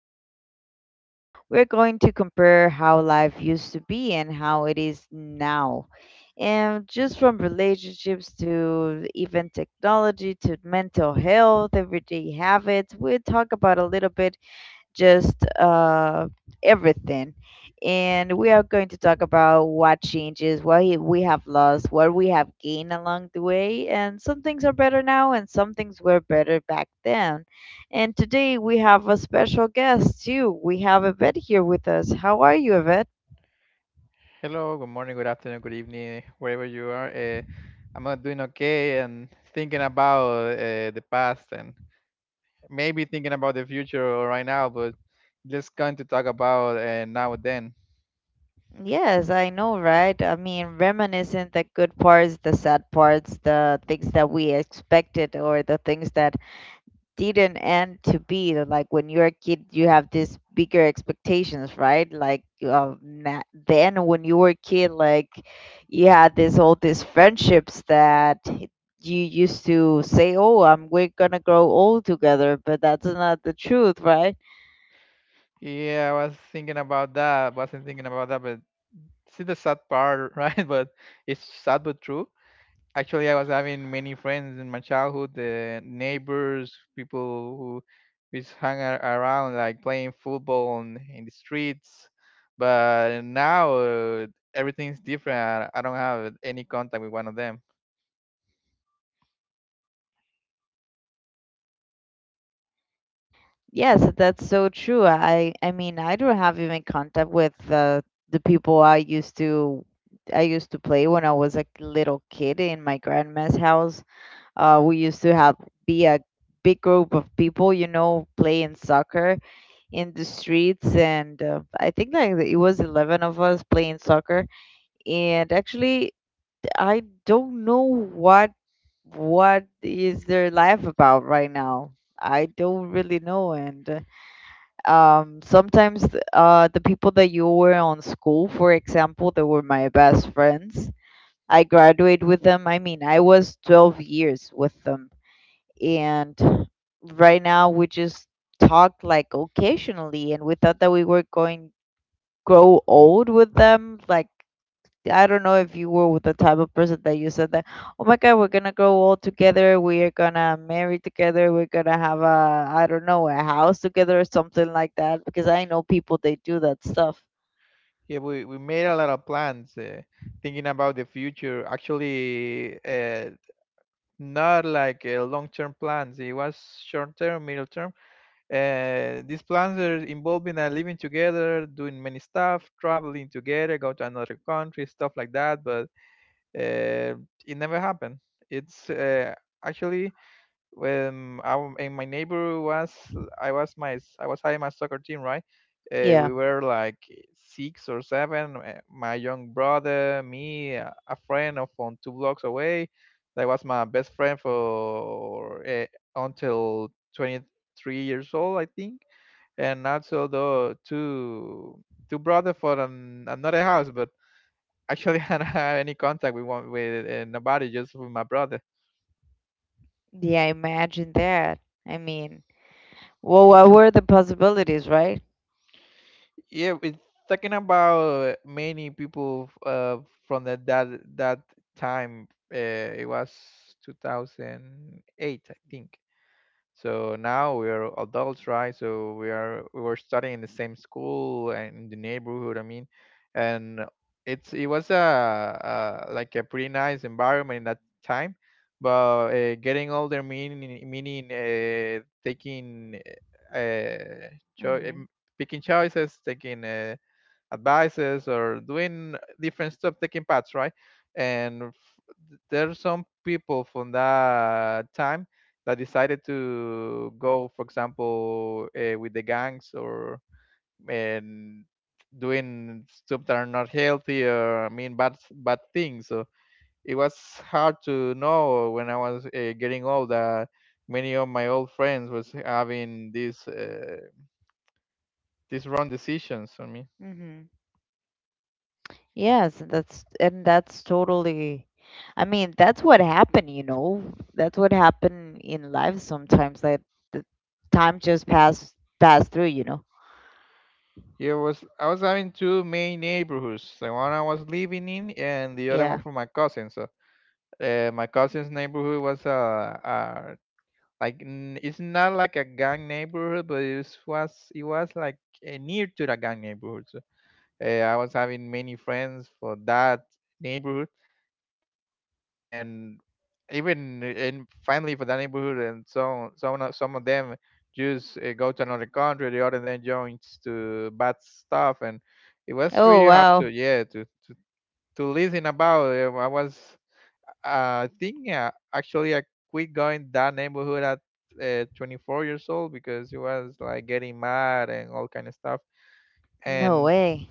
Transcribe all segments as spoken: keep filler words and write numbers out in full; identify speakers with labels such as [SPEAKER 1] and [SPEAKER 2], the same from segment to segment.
[SPEAKER 1] and then. We're going to compare how life used to be and how it is now. And just from relationships to even technology to mental health, everyday habits, we'll talk about a little bit just uh, everything. And we are going to talk about what changes, what he- we have lost, what we have gained along the way. And some things are better now, and some things were better back then. And today we have a special guest too. We have Yvette here with us. How are you, Yvette?
[SPEAKER 2] Hello, good morning, good afternoon, good evening, wherever you are. Uh, I'm uh, doing okay and thinking about uh, the past and maybe thinking about the future right now, but just going to talk about uh, now and then.
[SPEAKER 1] Yes, I know, right? I mean, reminiscing the good parts, the sad parts, the things that we expected, or the things that didn't end to be. Like when you're a kid you have this bigger expectations, right? Like um, na- then when you were a kid, like you had this all these friendships that you used to say, oh, I'm we're gonna grow old together, but that's not the truth, right?
[SPEAKER 2] Yeah, I was thinking about that. Wasn't thinking about that, but see the sad part, right? But it's sad but true. Actually, I was having many friends in my childhood, uh, neighbors, people who just hung a- around, like playing football on, in the streets. But now uh, everything's different. I I don't have any contact with one of them.
[SPEAKER 1] Yes, that's so true. I i mean, I don't have even contact with uh, the people i used to I used to play when I was a little kid in my grandma's house. Uh, we used to have be a big group of people, you know, playing soccer in the streets, and uh, I think like it was eleven of us playing soccer. And actually, I don't know what what is their life about right now. I don't really know, and uh, um, sometimes th- uh, the people that you were on school, for example, they were my best friends. I graduated with them. I mean, I was twelve years with them, and right now we just talk like occasionally. And we thought that we were going grow old with them. Like, I don't know if you were with the type of person that you said that, oh my god, we're gonna grow old together, we are gonna marry together, we're gonna have a, I don't know, a house together or something like that, because I know people they do that stuff.
[SPEAKER 2] Yeah, we, we made a lot of plans, uh, thinking about the future. Actually, uh, not like uh, long-term plans. It was short-term, middle-term. Uh, these plans are involving uh, living together, doing many stuff, traveling together, go to another country, stuff like that. But uh, it never happened. It's uh, actually when I, w- and my neighbor was I was my I was having my soccer team, right? Uh, we
[SPEAKER 1] Yeah,
[SPEAKER 2] were like six or seven. uh, My young brother, me, uh, a friend of from two blocks away. That was my best friend for uh, until twenty-three years old, I think, and also the two two brother for an, another house, but actually I don't have any contact with one with uh, nobody, just with my brother.
[SPEAKER 1] yeah, imagine that. I mean, well, what were the possibilities, right?
[SPEAKER 2] Yeah, it's talking about eh, many people uh, from that that that time. Uh, it was two thousand eight, I think. So now we're adults, right? So we are we were studying in the same school and in the neighborhood. I mean, and it's it was a, a like a pretty nice environment in that time. But uh, getting older, meaning meaning uh, taking uh, cho-
[SPEAKER 1] Mm-hmm.
[SPEAKER 2] em- picking choices, taking uh, biases or doing different stuff, taking paths, right? And f- there are some people from that time that decided to go, for example, uh, with the gangs or and doing stuff that are not healthy or I mean bad bad things. So it was hard to know when I was uh, getting old that many of my old friends was having these uh, these wrong decisions. I mean.
[SPEAKER 1] Mm-hmm. Yes, that's, and that's totally, I mean, that's what happened, you know. That's what happened in life sometimes. Like, the time just pass pass through, you know.
[SPEAKER 2] Yeah, it was I was having two main neighborhoods, the one I was living in and the other one
[SPEAKER 1] Yeah.
[SPEAKER 2] for my cousin. So uh, my cousin's neighborhood was uh, uh like n- it's not like a gang neighborhood, but it was was- it was like uh, near to the gang neighborhood. So uh, I was having many friends for that neighborhood, and even in family for that neighborhood and so on, some of some of them just uh, go to another country, the other then joins to bad stuff, and it was
[SPEAKER 1] Oh,
[SPEAKER 2] really hard
[SPEAKER 1] wow.
[SPEAKER 2] to yeah to to, to listen about. Uh, I was uh, I think uh, actually I quit going that neighborhood at uh, twenty-four years old because it was like getting mad and all kind of stuff,
[SPEAKER 1] No
[SPEAKER 2] and
[SPEAKER 1] way.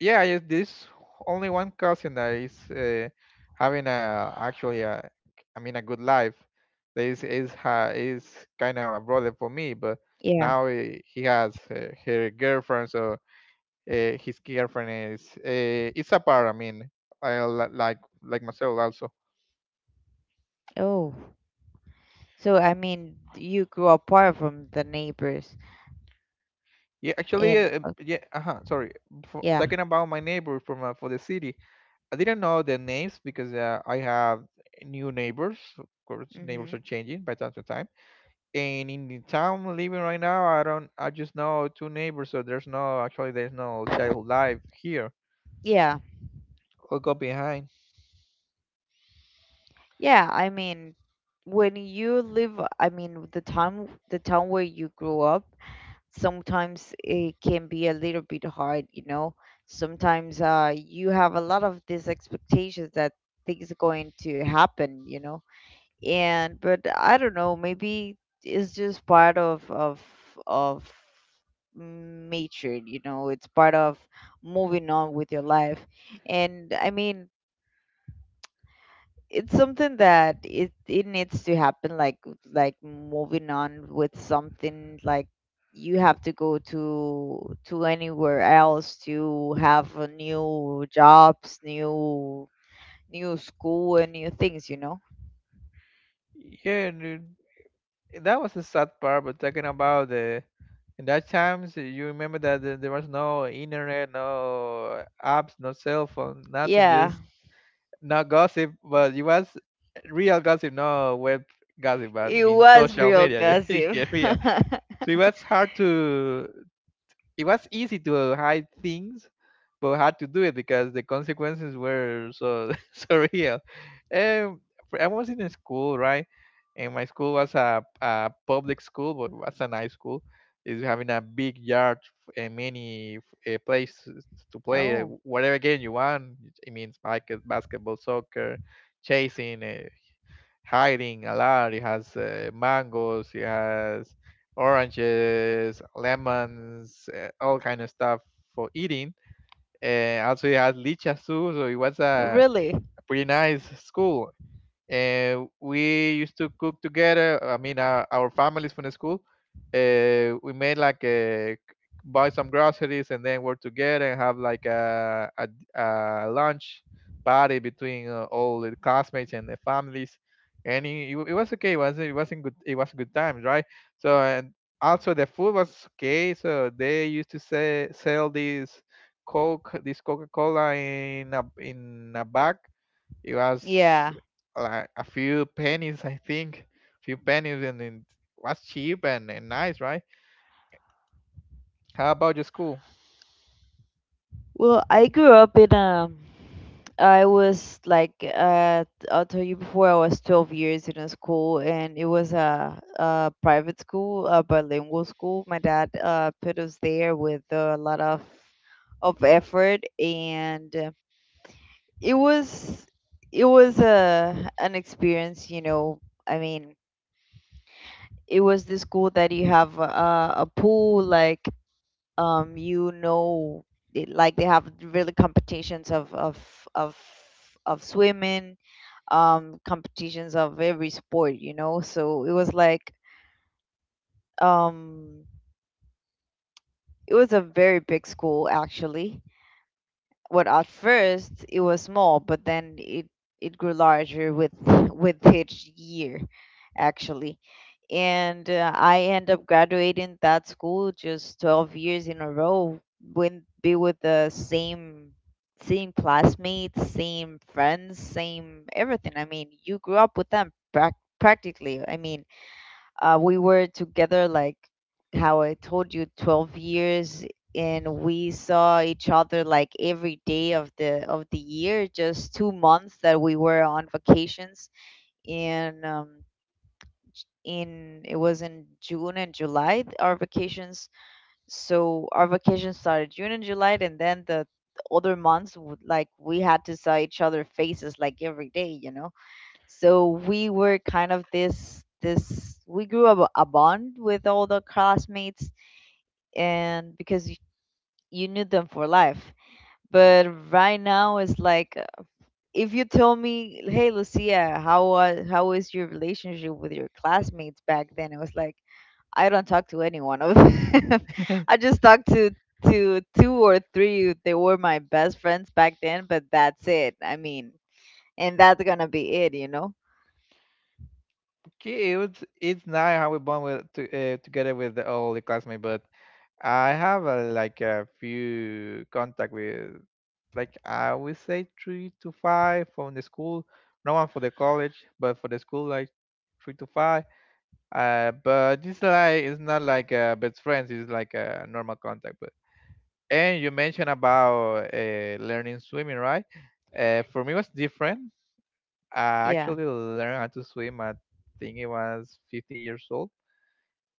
[SPEAKER 2] yeah. Yes, there's only one cousin that is uh, having a actually a, I mean a good life. This is is ha is kind of a brother for me, but
[SPEAKER 1] Yeah.
[SPEAKER 2] now he, he has uh, her girlfriend. So uh, his girlfriend is uh, it's a par I mean I, li- like like myself also.
[SPEAKER 1] Oh. So I mean, you grew apart from the neighbors
[SPEAKER 2] Yeah, actually
[SPEAKER 1] and
[SPEAKER 2] uh, uh,
[SPEAKER 1] uh,
[SPEAKER 2] yeah, uh-huh, sorry. For,
[SPEAKER 1] yeah.
[SPEAKER 2] talking about my neighbor from uh, for the city, I didn't know their names because uh, I have new neighbors, of course. Neighbors are
[SPEAKER 1] Mhm.
[SPEAKER 2] changing by time to time. And in the town I'm living right now, I don't, I just know two neighbors, so there's no, actually, there's no child life here.
[SPEAKER 1] Yeah.
[SPEAKER 2] I got behind.
[SPEAKER 1] Yeah, I mean, when you live, I mean, the time the town where you grew up, sometimes it can be a little bit hard, you know. Sometimes uh, you have a lot of these expectations that things are going to happen, you know. And but I don't know, maybe it's just part of of of nature, you know. It's part of moving on with your life. And I mean, it's something that it it needs to happen, like like moving on with something, like you have to go to to anywhere else to have a new jobs, new new school and new things, you know.
[SPEAKER 2] Yeah, dude, that was the sad part. But talking about the, in that times, uh, you remember that the- there was no internet, no apps, no cell phone, nothing.
[SPEAKER 1] Yeah,
[SPEAKER 2] Just not gossip, but it was real gossip, no web gossip, but I
[SPEAKER 1] it
[SPEAKER 2] mean
[SPEAKER 1] was
[SPEAKER 2] social
[SPEAKER 1] real
[SPEAKER 2] media. Yeah,
[SPEAKER 1] gossip.
[SPEAKER 2] yeah, real. So it was hard to it was easy to hide things, but had to do it because the consequences were so so real. Um, I was in a school, right? And my school was a, a public school, but it was a nice school. Is having a big yard f- and many uh, places to play uh,
[SPEAKER 1] Oh,
[SPEAKER 2] whatever game you want. It means basket, basketball, soccer, chasing, uh, hiding a lot. It has uh, mangoes, it has oranges, lemons, uh, all kind of stuff for eating. And also it has lichas too, so it was a
[SPEAKER 1] really?
[SPEAKER 2] pretty nice school, and we used to cook together. I mean, our, our families from the school. Uh, we made like a buy some groceries and then work together and have like a a, a lunch party between uh, all the classmates and the families. And it, it was okay. It was it wasn't good. It was good times, right? So and also the food was okay. So they used to say sell this Coke, this Coca Cola in a in a bag, it was
[SPEAKER 1] Yeah.
[SPEAKER 2] like a few pennies, I think, few pennies, and it was cheap and, and nice, right? How about your school?
[SPEAKER 1] Well, I grew up in um I was like uh I'll tell you, before I was twelve years in a school and it was a, a private school, a bilingual school. My dad uh put us there with a lot of of effort, and uh, it was, it was a an experience, you know. I mean, it was the school that you have a, a pool, like, um you know it, like they have really competitions of of of of swimming, um competitions of every sport, you know. So it was like, um it was a very big school actually. What, at first it was small, but then it it grew larger with with each year actually. And uh, I end up graduating that school just twelve years in a row, when be with the same same classmates, same friends, same everything. I mean, you grew up with them prac practically. I mean, uh, we were together like, how I told you, twelve years, and we saw each other like every day of the of the year, just two months that we were on vacations. And um in it was in June and July th- our vacations. So our vacations started June and July, and then the other months w- like we had to saw each other faces like every day, you know. So we were kind of this this we grew up a bond with all the classmates. And because you, you knew them for life. But right now it's like, uh, if you tell me, hey, Lucia, how was how is your relationship with your classmates back then? It was like, I don't talk to any one of them. I just talked to to two or three. They were my best friends back then, but that's it. I mean, and that's gonna be it, you know?
[SPEAKER 2] Okay, it was, it's nice how we bond with to, uh, together with the, all the classmates, but I have a, like a few contact with like I would say three to five from the school, no one for the college, but for the school like three to five. Uh, but this like it's not like uh, best friends. It's like a normal contact, but. And you mentioned about uh, learning swimming, right? Uh, for me, it was different. I
[SPEAKER 1] Yeah,
[SPEAKER 2] actually learned how to swim. I think it was fifteen years old,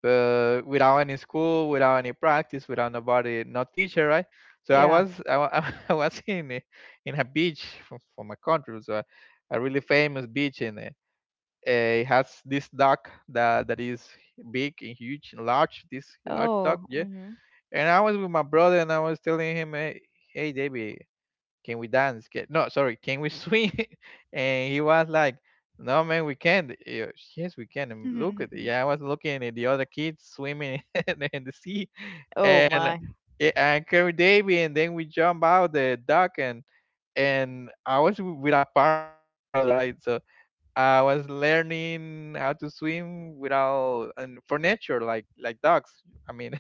[SPEAKER 2] but without any school, without any practice, without nobody, no teacher, right? So I
[SPEAKER 1] yeah.
[SPEAKER 2] was I, wa- I was in a, in a beach from, from my country, so a a really famous beach, and uh, it has this dock that that is big and huge and large. This large dock,
[SPEAKER 1] Oh,
[SPEAKER 2] yeah,
[SPEAKER 1] mhm.
[SPEAKER 2] and I was with my brother and I was telling him, hey, hey David, can we dance? Can, no, sorry, can we swing? And he was like, no, man, we can't. Yeah, yes, we can. And look at. Yeah, I was looking at the other kids swimming in the in the sea.
[SPEAKER 1] Oh
[SPEAKER 2] And
[SPEAKER 1] my.
[SPEAKER 2] yeah, and carry David, and then we jump out the dock, and and I was w- with our parents, right? So I was learning how to swim without and for nature, like like dogs. I mean,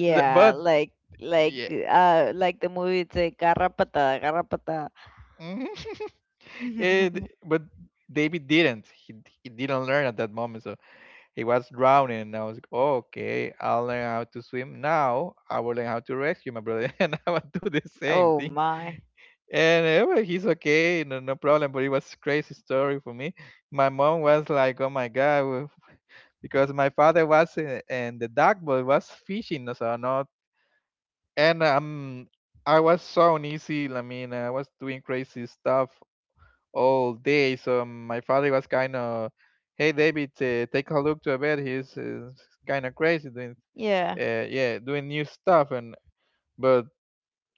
[SPEAKER 2] but
[SPEAKER 1] like like
[SPEAKER 2] yeah,
[SPEAKER 1] uh like the movie, it's like garrapata, garrapata.
[SPEAKER 2] Mhm. it, but David didn't. He he didn't learn at that moment, so he was drowning. And I was like, "Oh, okay, I'll learn how to swim now. I will learn how to rescue my brother, and I will do the same
[SPEAKER 1] Oh
[SPEAKER 2] thing.
[SPEAKER 1] my.
[SPEAKER 2] And uh, well, he's okay, no, no problem. But it was crazy story for me. My mom was like, oh my god, w- because my father was uh, and the duck boat was fishing, so not. And um, I was so uneasy. I mean, I was doing crazy stuff all day. So my father was kind of, hey David, uh, take a look to a bed. He's uh, kind of crazy doing,
[SPEAKER 1] Yeah,
[SPEAKER 2] uh, yeah, doing new stuff. And but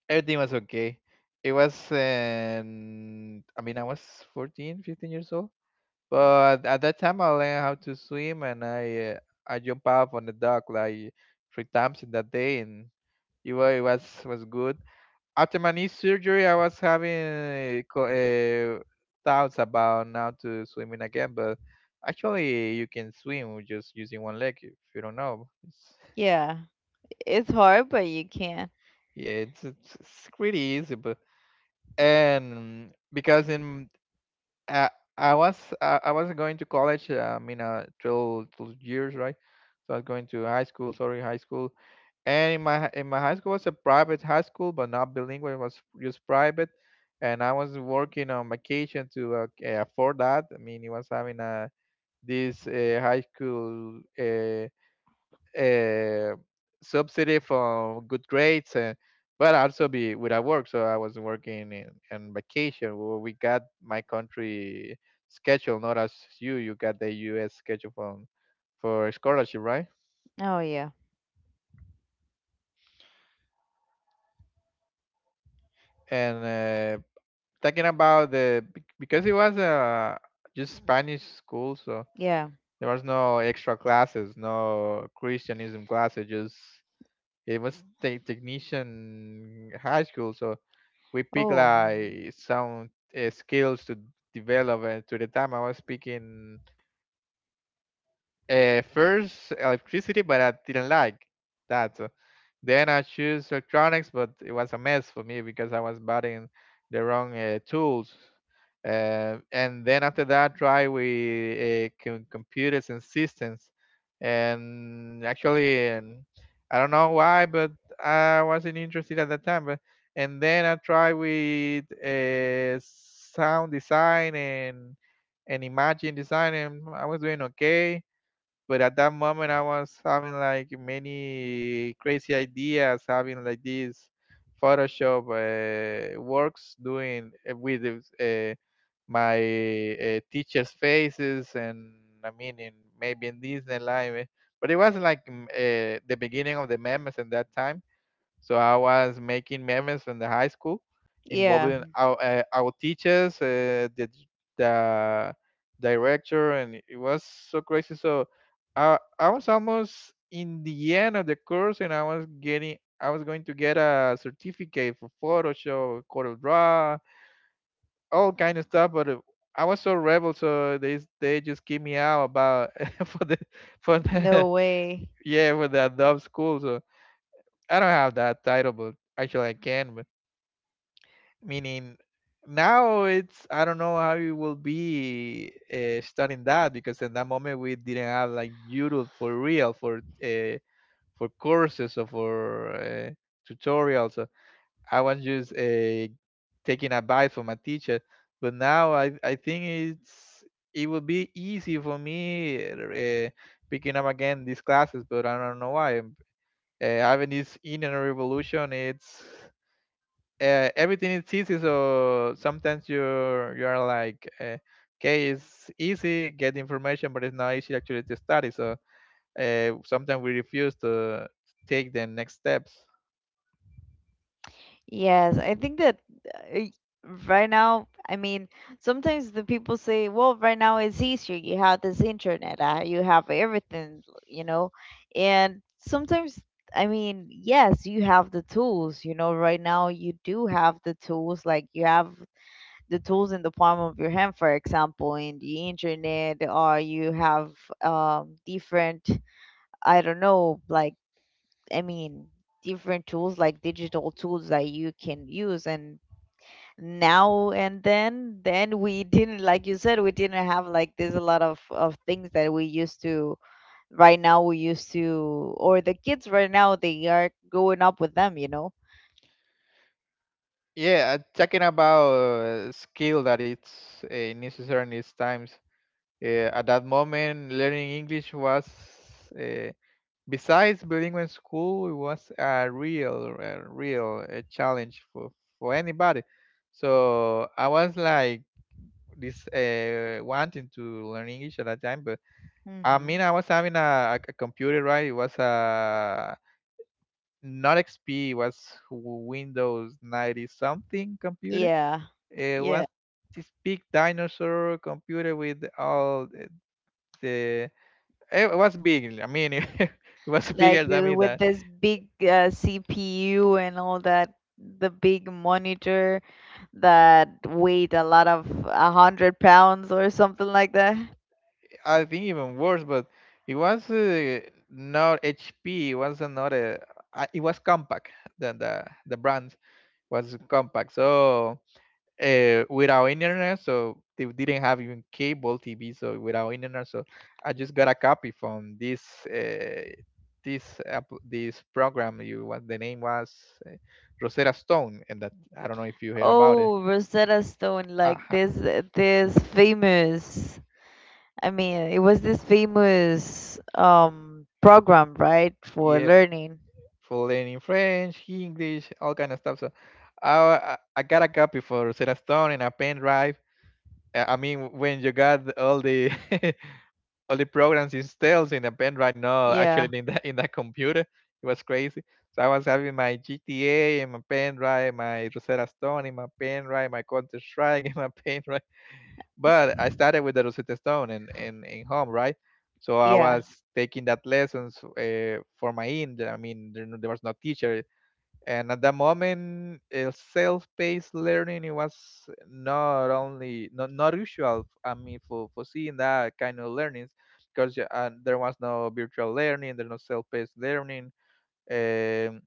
[SPEAKER 2] everything was okay. It was, um, I mean, I was fourteen, fifteen years old. But at that time, I learned how to swim, and I uh, I jump up on the dock like three times in that day, and it was it was, was good. After my knee surgery, I was having uh, co- uh, thoughts about now to swimming again, but actually, you can swim with just using one leg if you don't know. It's,
[SPEAKER 1] yeah. It's hard, but you can.
[SPEAKER 2] yeah, it's, it's it's pretty easy, but and because in uh, I was uh, I wasn't going to college. Um, in uh, twelve, twelve years, right? So I was going to high school. Sorry, high school. And in my hi- in my high school was a private high school, but not bilingual. It was just private, and I was working on vacation to uh, c- afford that. I mean, it was having a this uh, high school. Uh, uh, Subsidy for good grades, and but also be without work. So I was working in, in vacation. Well, we got my country schedule, not as you. You got the U S schedule from for scholarship, right?
[SPEAKER 1] Oh yeah,
[SPEAKER 2] And uh, talking about the bec- because it was uh, just Spanish school, so
[SPEAKER 1] yeah.
[SPEAKER 2] there was no extra classes, no Christianism classes. Just it was te- technician high school, so we pick
[SPEAKER 1] Oh, mm,
[SPEAKER 2] like some uh, skills to develop, and to the time I was picking. Uh, first, electricity, but I didn't like that. Uh, Then I choose electronics, but it was a mess for me because I was buying the wrong uh, tools. Uh, and then after that, try with uh, com- computers and systems. And actually, and I don't know why, but I wasn't interested at that time. But and then I try with uh, sound design and and imagine design, and I was doing okay. But at that moment, I was having like many crazy ideas, having like these Photoshop uh, works doing uh, with uh, my uh, teacher's faces, and I mean, in, maybe in Disneyland. eh, But it was like mm, uh, the beginning of the memes at that time. So I was making memes in the high school,
[SPEAKER 1] yeah.
[SPEAKER 2] involving our uh, our teachers, uh, the the director, and it was so crazy. So I I was almost in the end of the course, and I was getting I was going to get a certificate for Photoshop, Corel Draw, all kind of stuff. But uh, I was so rebel, so they they just kicked me out about for the for the
[SPEAKER 1] No way.
[SPEAKER 2] yeah for the Adobe school. So I don't have that title, but actually I can. Meaning now it's I don't know how it will be uh, studying that, because in that moment we didn't have like YouTube for real for uh, for courses or for uh, tutorials. So I was just uh, taking advice from my teacher, but now i i think it's it will be easy for me uh, picking up again these classes. But I don't know why, uh, having this internet revolution, it's uh, everything is easy. So sometimes you you're like uh, okay, it's easy get information, but it's not easy actually to study. So uh, sometimes we refuse to take the next steps.
[SPEAKER 1] Yes, I think that uh, right now, I mean, sometimes the people say, well, right now it's easier. You have this internet, uh, you have everything, you know. And sometimes, I mean, yes, you have the tools, you know. Right now, you do have the tools, like you have the tools in the palm of your hand, for example, in the internet, or you have um, different, I don't know, like, I mean, different tools like digital tools that you can use. And now and then, then we didn't, like you said, we didn't have like, there's a lot of of things that we used to. Right now, we used to, or the kids right now, they are growing up with them, you know.
[SPEAKER 2] Yeah, uh, talking about uh, skill that it's uh, necessary in these times. Uh, at that moment, learning English was, uh, besides bilingual in school, it was a real, a real uh, challenge for, for anybody. So I was like this uh, wanting to learn English at that time. But I
[SPEAKER 1] Hmm.
[SPEAKER 2] mean, I was having a, a computer, right? It was a not X P, it was Windows ninety something computer.
[SPEAKER 1] Yeah,
[SPEAKER 2] It
[SPEAKER 1] yeah.
[SPEAKER 2] was this big dinosaur computer with all the— It was big. I mean, it was bigger
[SPEAKER 1] Like
[SPEAKER 2] than
[SPEAKER 1] the-
[SPEAKER 2] me.
[SPEAKER 1] with
[SPEAKER 2] That—
[SPEAKER 1] this big uh, C P U and all that, the big monitor that weighed a lot of a hundred pounds or something like that.
[SPEAKER 2] I think even worse, but it was uh, not H P. It was not a. uh, It was compact. The the the brand was compact. So uh, without internet, so they didn't have even cable T V. So without internet, so I just got a copy from this uh, this app— this program. You— what the name was, uh, Rosetta Stone, and that— I don't know if you heard about it.
[SPEAKER 1] Oh, Rosetta Stone, like
[SPEAKER 2] Aha.
[SPEAKER 1] this this famous, I mean, it was this famous um program, right, for
[SPEAKER 2] Yeah,
[SPEAKER 1] learning.
[SPEAKER 2] for learning French, English, all kind of stuff. So I I got a copy for Sarah Stone and a pen drive. Uh, I mean, when you got the all the all the programs installed in a pen drive, no,
[SPEAKER 1] Yeah.
[SPEAKER 2] actually in that in that computer, it was crazy. So I was having my G T A and my pen drive, my Rosetta Stone in my pen drive, my Counter Strike in my pen drive. But I started with the Rosetta Stone and in, in, in home, right? So I
[SPEAKER 1] Yeah.
[SPEAKER 2] was taking that lessons uh, for my end. I mean, there, there was no teacher. And at the moment, uh, self-paced learning, it was not only not, not usual. I mean, for, for seeing that kind of learnings, because uh, there was no virtual learning, there's no self-paced learning. um,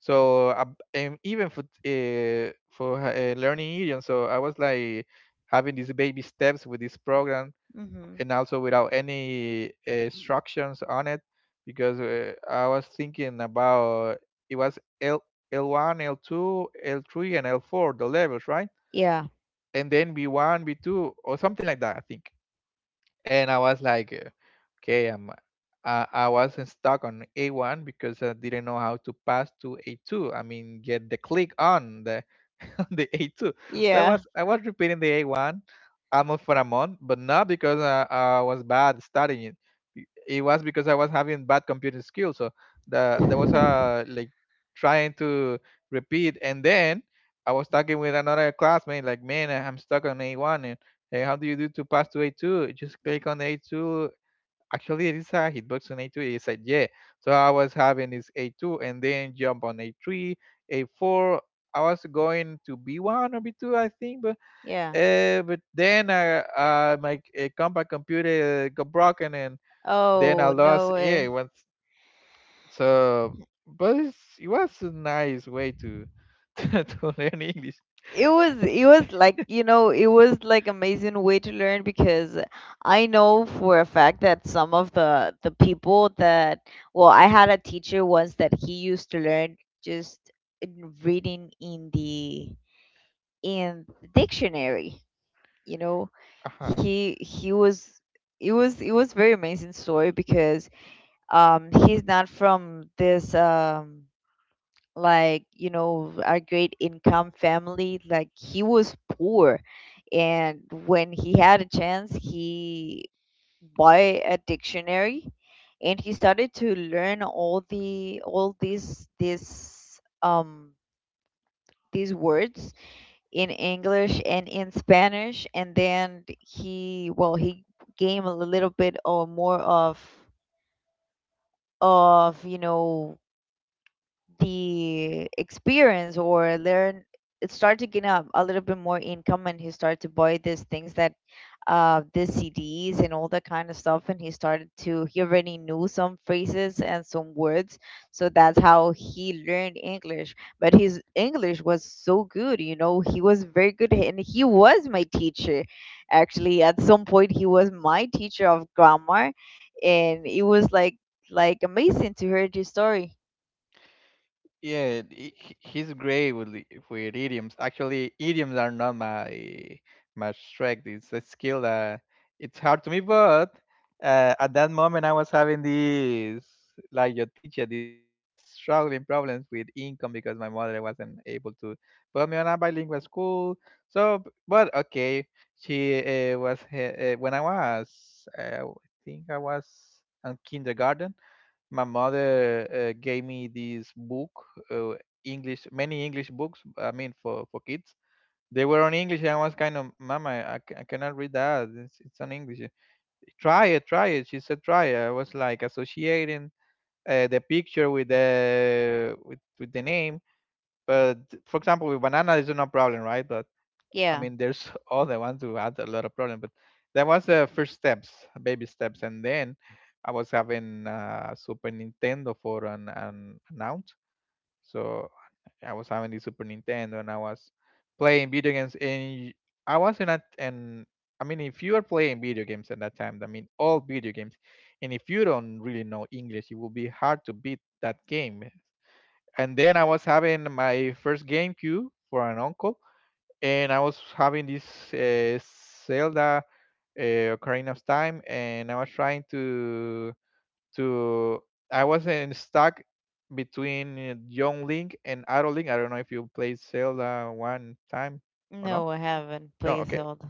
[SPEAKER 2] so uh, and even for uh, for uh, learning Indian, so I was like having these baby steps with this program,
[SPEAKER 1] Mhm.
[SPEAKER 2] and also without any uh, instructions on it, because uh, I was thinking about— it was L L1, L two, L three, and L four the levels, right?
[SPEAKER 1] Yeah.
[SPEAKER 2] And then B one, B two, or something like that, I think. And I was like, uh, okay, I'm— I I wasn't stuck on A one because I didn't know how to pass to A two. I mean, get the click on the on the A two. So I
[SPEAKER 1] Yeah.
[SPEAKER 2] was I was repeating the A one almost for a month, but not because I, I was bad studying it. Be- It was because I was having bad computer skills. So the there was a like trying to repeat, and then I was talking with another classmate like, man, I'm stuck on A one, and hey, how do you do to pass to A two? Just click on A two. Actually, it is a hitbox on A two. He said, yeah. So I was having this A two and then jump on A three, A four. I was going to B one or B two, I think. But
[SPEAKER 1] Yeah.
[SPEAKER 2] uh, but then I, uh, my uh, compact computer got broken, and then I
[SPEAKER 1] Oh, no
[SPEAKER 2] lost. Yeah, it
[SPEAKER 1] way.
[SPEAKER 2] was so, but it's, it was a nice way to to learn English.
[SPEAKER 1] It was, it was like, you know, it was like amazing way to learn, because I know for a fact that some of the the people that, well, I had a teacher once that he used to learn just in reading in the in the dictionary, you know.
[SPEAKER 2] Uh-huh.
[SPEAKER 1] He he was, it was, it was very amazing story because um he's not from this um like, you know, our great income family. Like, he was poor. And when he had a chance, he bought a dictionary, and he started to learn all the all these this um these words in English and in Spanish. And then he, well, he gained a little bit or more of of you know, the experience, or learn, start to get a, a little bit more income, and he started to buy these things that uh the CDs and all that kind of stuff. And he started to, he already knew some phrases and some words. So that's how he learned English. But his English was so good, you know. He was very good, and he was my teacher, actually. At some point he was my teacher of grammar, and it was like like amazing to hear this story.
[SPEAKER 2] Yeah, he- he- he's great with the— with idioms. Actually, idioms are not my my strength. It's a skill that it's hard to me. But uh, at that moment, I was having these, like your teacher, these struggling problems with income because my mother wasn't able to put me on a bilingual school. So, b- but okay, she uh, was uh, uh, when I was uh, I think I was in kindergarten, my mother uh, gave me this book, uh, english many english books, I mean for for kids. They were on english and I was kind of, mama, I, ca- I cannot read that, it's, it's on english. Try it, try it, she said, try it. I was like associating uh, the picture with the with, with the name. But for example, with banana is no problem, right? But I
[SPEAKER 1] Yeah.
[SPEAKER 2] mean, there's all the ones who had a lot of problem, but that was the first steps, baby steps. And then I was having uh, Super Nintendo for an an announced, so I was having the Super Nintendo and I was playing video games. And I wasn't at— and I mean, if you are playing video games at that time, I mean all video games, and if you don't really know English, it will be hard to beat that game. And then I was having my first GameCube for an uncle, and I was having this uh, Zelda uh, Ocarina of Time, and I was trying to— to— I wasn't stuck between uh, young Link and adult Link. I don't know if you played Zelda one time or no.
[SPEAKER 1] No, I haven't.
[SPEAKER 2] No,
[SPEAKER 1] Please
[SPEAKER 2] okay,
[SPEAKER 1] hold.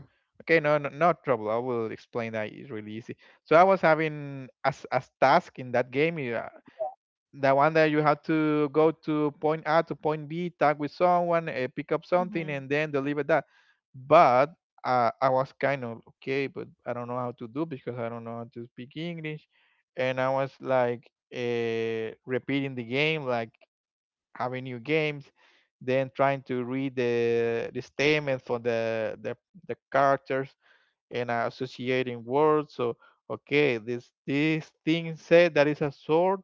[SPEAKER 2] okay, no, no, no trouble. I will explain that. It's really easy. So I was having as as task in that game, uh, the one that you have to go to point A to point B, talk with someone, uh, pick up something,
[SPEAKER 1] Mm-hmm.
[SPEAKER 2] and then deliver that. But uh, I was kind of okay, but I don't know how to do because I don't know how to speak English. And I was like uh, repeating the game, like having new games, then trying to read the the statement for the the the characters and uh, associating words. So okay, this this thing said that is a sword,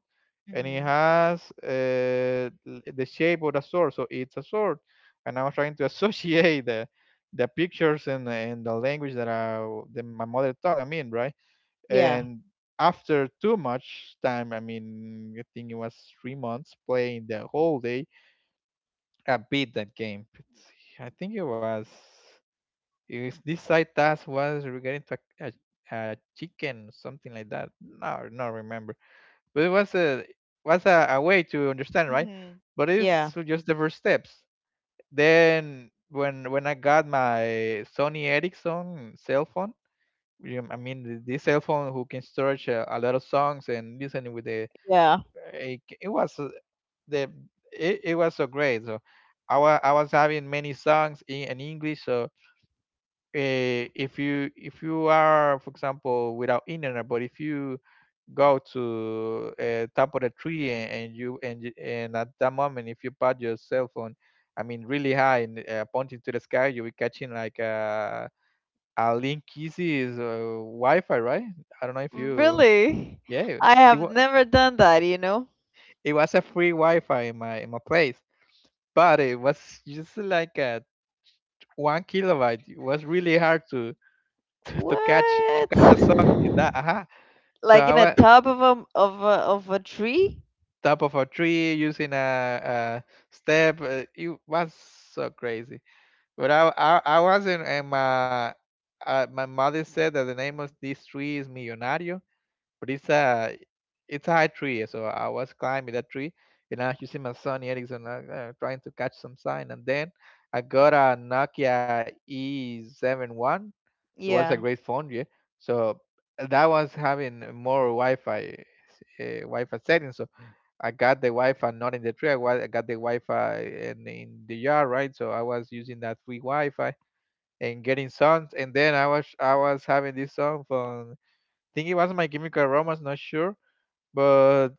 [SPEAKER 2] and it
[SPEAKER 1] Mm-hmm.
[SPEAKER 2] has uh, l- the shape of a sword, so it's a sword. And I was trying to associate the the pictures and and the language that I— the, my mother tongue. I mean, right?
[SPEAKER 1] Yeah.
[SPEAKER 2] And after too much time, I mean, I think it was three months playing the whole day. I beat that game. It's— I think it was. Is this side task was regarding to a, a, a chicken, something like that. No, not remember. But it was a— was a, a way to understand, right?
[SPEAKER 1] Mm-hmm.
[SPEAKER 2] But
[SPEAKER 1] Yeah.
[SPEAKER 2] it's just the first steps. Then when when I got my Sony Ericsson cell phone, you— I mean th- this cell phone who can storage a, a lot of songs and listening with the—
[SPEAKER 1] Yeah.
[SPEAKER 2] eh, it, it was uh, the— it, it was so great. So I was I was having many songs in, in English. So eh, if you— if you are for example without internet, but if you go to uh, top of the tree, and, and you, and you, and at that moment, if you put your cell phone, I mean really high, and uh, pointing to the sky, you'll be catching like uh, a link kisses uh, wi-fi, right? I don't know if you—
[SPEAKER 1] Really?
[SPEAKER 2] yeah,
[SPEAKER 1] I
[SPEAKER 2] it,
[SPEAKER 1] have
[SPEAKER 2] was—
[SPEAKER 1] never done that, you know?
[SPEAKER 2] it was a free wi-fi in my in my place, but it was just like a one kilobyte. It was really hard to to catch to
[SPEAKER 1] What?
[SPEAKER 2] catch a song in that uh— So
[SPEAKER 1] Like
[SPEAKER 2] I
[SPEAKER 1] in a
[SPEAKER 2] went
[SPEAKER 1] top of a of a of a tree?
[SPEAKER 2] top of a tree using a, a step. uh, It was so crazy. But I I, I wasn't. And my uh, my mother said that the name of this tree is Millonario, but it's a it's a high tree. So I was climbing that tree, and I was using my son Ericsson, uh, uh, trying to catch some sign. And then I got a Nokia E seventy-one. It was a
[SPEAKER 1] Yeah.
[SPEAKER 2] great phone, yeah. So that was having more Wi-Fi uh, Wi-Fi settings. So I got the Wi-Fi not in the tree. I, wa- I got the Wi-Fi in, in the yard, right? So I was using that free Wi-Fi and getting songs. And then I was I was having this song from, I think it was My Chemical Romance, not sure, but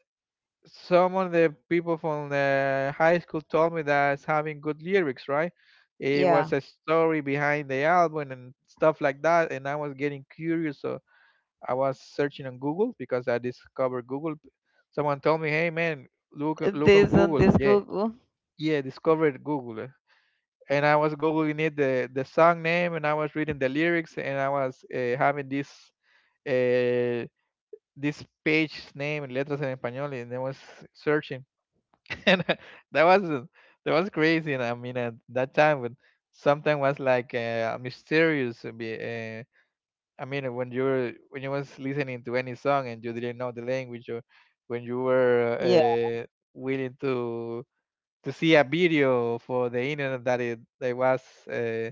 [SPEAKER 2] some of the people from the high school told me that it's having good lyrics, right? It
[SPEAKER 1] Yeah.
[SPEAKER 2] was a story behind the album and stuff like that, and I was getting curious. So I was searching on Google because I discovered Google. Someone told me, "Hey man, look look on
[SPEAKER 1] This on
[SPEAKER 2] Google."
[SPEAKER 1] this
[SPEAKER 2] Yeah,
[SPEAKER 1] Google.
[SPEAKER 2] yeah, discovered Google, eh. And I was googling it the the song name, and I was reading the lyrics, and I was uh, having this uh, this page name in letras en español, and I was searching, and that was that was crazy. And I mean, at that time, but something was like uh, mysterious. uh, I mean, when you're when you was listening to any song and you didn't know the language, or when you were
[SPEAKER 1] Yeah.
[SPEAKER 2] uh, willing to to see a video for the internet that it that was uh,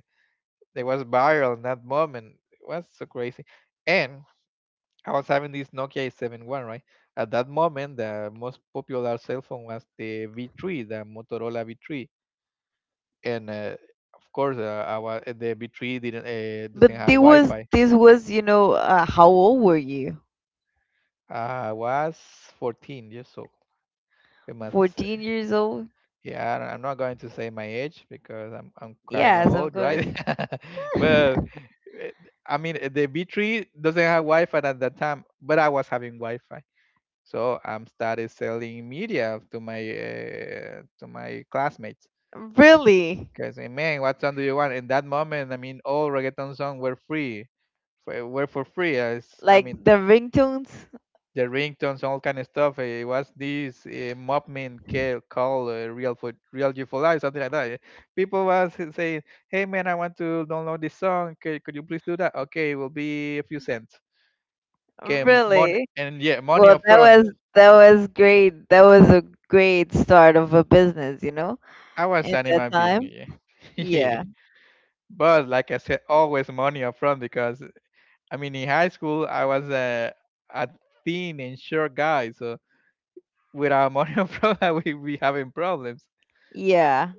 [SPEAKER 2] that was viral in that moment, it was so crazy. And I was having this Nokia eight seven one, right? At that moment, the most popular cell phone was the V three, the Motorola V three, and uh, of course, uh, I wa- the V three didn't uh, doesn't
[SPEAKER 1] But
[SPEAKER 2] have
[SPEAKER 1] this was,
[SPEAKER 2] Wi-Fi.
[SPEAKER 1] this was, you know, uh, how old were you?
[SPEAKER 2] I was fourteen years old. We must say,
[SPEAKER 1] fourteen years old?
[SPEAKER 2] yeah, I- I'm not going to say my age because I'm I'm kind of
[SPEAKER 1] Yes, of
[SPEAKER 2] old,
[SPEAKER 1] course.
[SPEAKER 2] right? Well, eh, I mean, eh, the B three doesn't have Wi-Fi at that time, but I was having Wi-Fi, so I'm started selling media to my uh, to my classmates.
[SPEAKER 1] Really?
[SPEAKER 2] Because, man, what song do you want? In that moment, I mean, all reggaeton songs were free, for, were for free. As I
[SPEAKER 1] Like
[SPEAKER 2] mean,
[SPEAKER 1] the ringtones?
[SPEAKER 2] the ringtones, all kind of stuff. It was this uh, movement ca- called uh, Real Food, Real Youthful Life, something like that. eh. People was saying, "Hey man, I want to download this song. Could, could you please do that? Okay, it will be a few cents. Okay, money,
[SPEAKER 1] Really?
[SPEAKER 2] and yeah, money
[SPEAKER 1] Well, that
[SPEAKER 2] upfront."
[SPEAKER 1] was, that was great. That was a great start of a business, you know,
[SPEAKER 2] I was
[SPEAKER 1] in
[SPEAKER 2] an
[SPEAKER 1] that
[SPEAKER 2] human being,
[SPEAKER 1] time.
[SPEAKER 2] yeah. Yeah.
[SPEAKER 1] Yeah.
[SPEAKER 2] But like I said, always money upfront because I mean, in high school I was a, a thin and short guy, so without money upfront I would be having problems.
[SPEAKER 1] Yeah.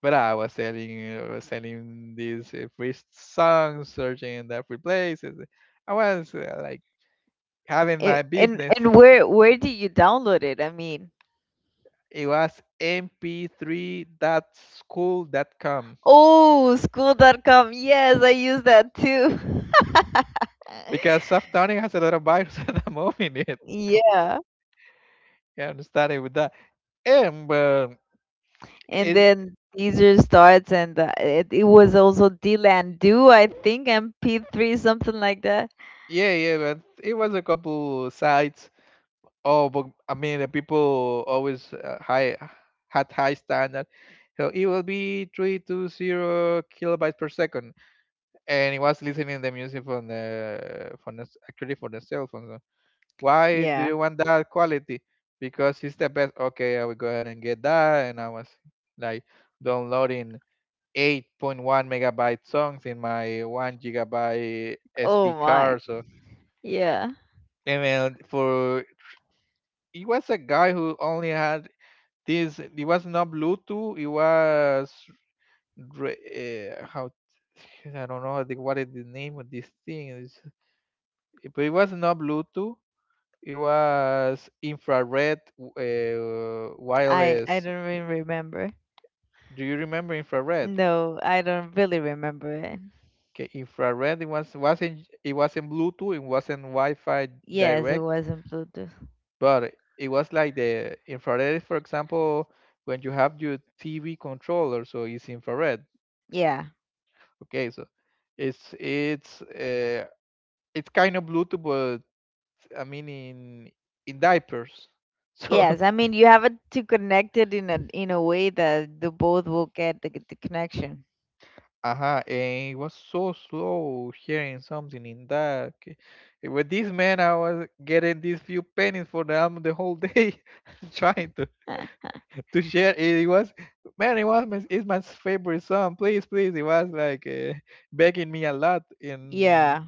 [SPEAKER 2] But I was selling, I was selling these uh, free songs, searching in the free places. I was uh, like having
[SPEAKER 1] And
[SPEAKER 2] my
[SPEAKER 1] and,
[SPEAKER 2] business.
[SPEAKER 1] and where where did you download it? I mean,
[SPEAKER 2] It was mp 3 dot dot school dot com
[SPEAKER 1] oh, school dot com. Yes, I use that too.
[SPEAKER 2] because soft toning has a lot of viruses and I'm owning it.
[SPEAKER 1] Yeah.
[SPEAKER 2] Yeah, I'm starting with that. And but
[SPEAKER 1] And
[SPEAKER 2] it,
[SPEAKER 1] then Deezer starts and uh, it, it was also Dlandoo, I think, and P three something like that.
[SPEAKER 2] yeah, yeah, but it was a couple sites. Oh, but I mean, the people always uh, high had high standard. So it will be three to zero kilobytes per second, and it was listening the music from the from the s- actually for the cell phone. So why do
[SPEAKER 1] Yeah.
[SPEAKER 2] you want that quality? Because it's the best. Okay, I will go ahead and get that, and I was like downloading eight point one megabyte songs in my one gigabyte
[SPEAKER 1] Oh
[SPEAKER 2] S D
[SPEAKER 1] my.
[SPEAKER 2] card. So
[SPEAKER 1] Yeah.
[SPEAKER 2] I mean, for it was a guy who only had. This, it was not Bluetooth. It was re- uh, how, I don't know the, what is the name of this thing is, but it was not Bluetooth. It was infrared, uh,
[SPEAKER 1] I I
[SPEAKER 2] wireless.
[SPEAKER 1] don't even remember.
[SPEAKER 2] Do you remember infrared?
[SPEAKER 1] No, I don't really remember it.
[SPEAKER 2] Okay, infrared. It was wasn't it wasn't Bluetooth. It wasn't Wi-Fi
[SPEAKER 1] Yes, it
[SPEAKER 2] direct,
[SPEAKER 1] was not Bluetooth.
[SPEAKER 2] but it was like the infrared. For example, when you have your T V controller, so it's infrared.
[SPEAKER 1] Yeah.
[SPEAKER 2] Okay, so it's it's uh, it's kind of Bluetooth, but I mean, in in diapers. So
[SPEAKER 1] Yes, I mean you have it to connect it in a in a way that the both will get the, the connection.
[SPEAKER 2] uh-huh, and it was so slow hearing something in that. Okay. And with this man, I was getting these few pennies for the album the whole day, trying to to share. It, it was, man, it was my, it's my favorite song. Please, please, it was like uh, begging me a lot, and
[SPEAKER 1] Yeah,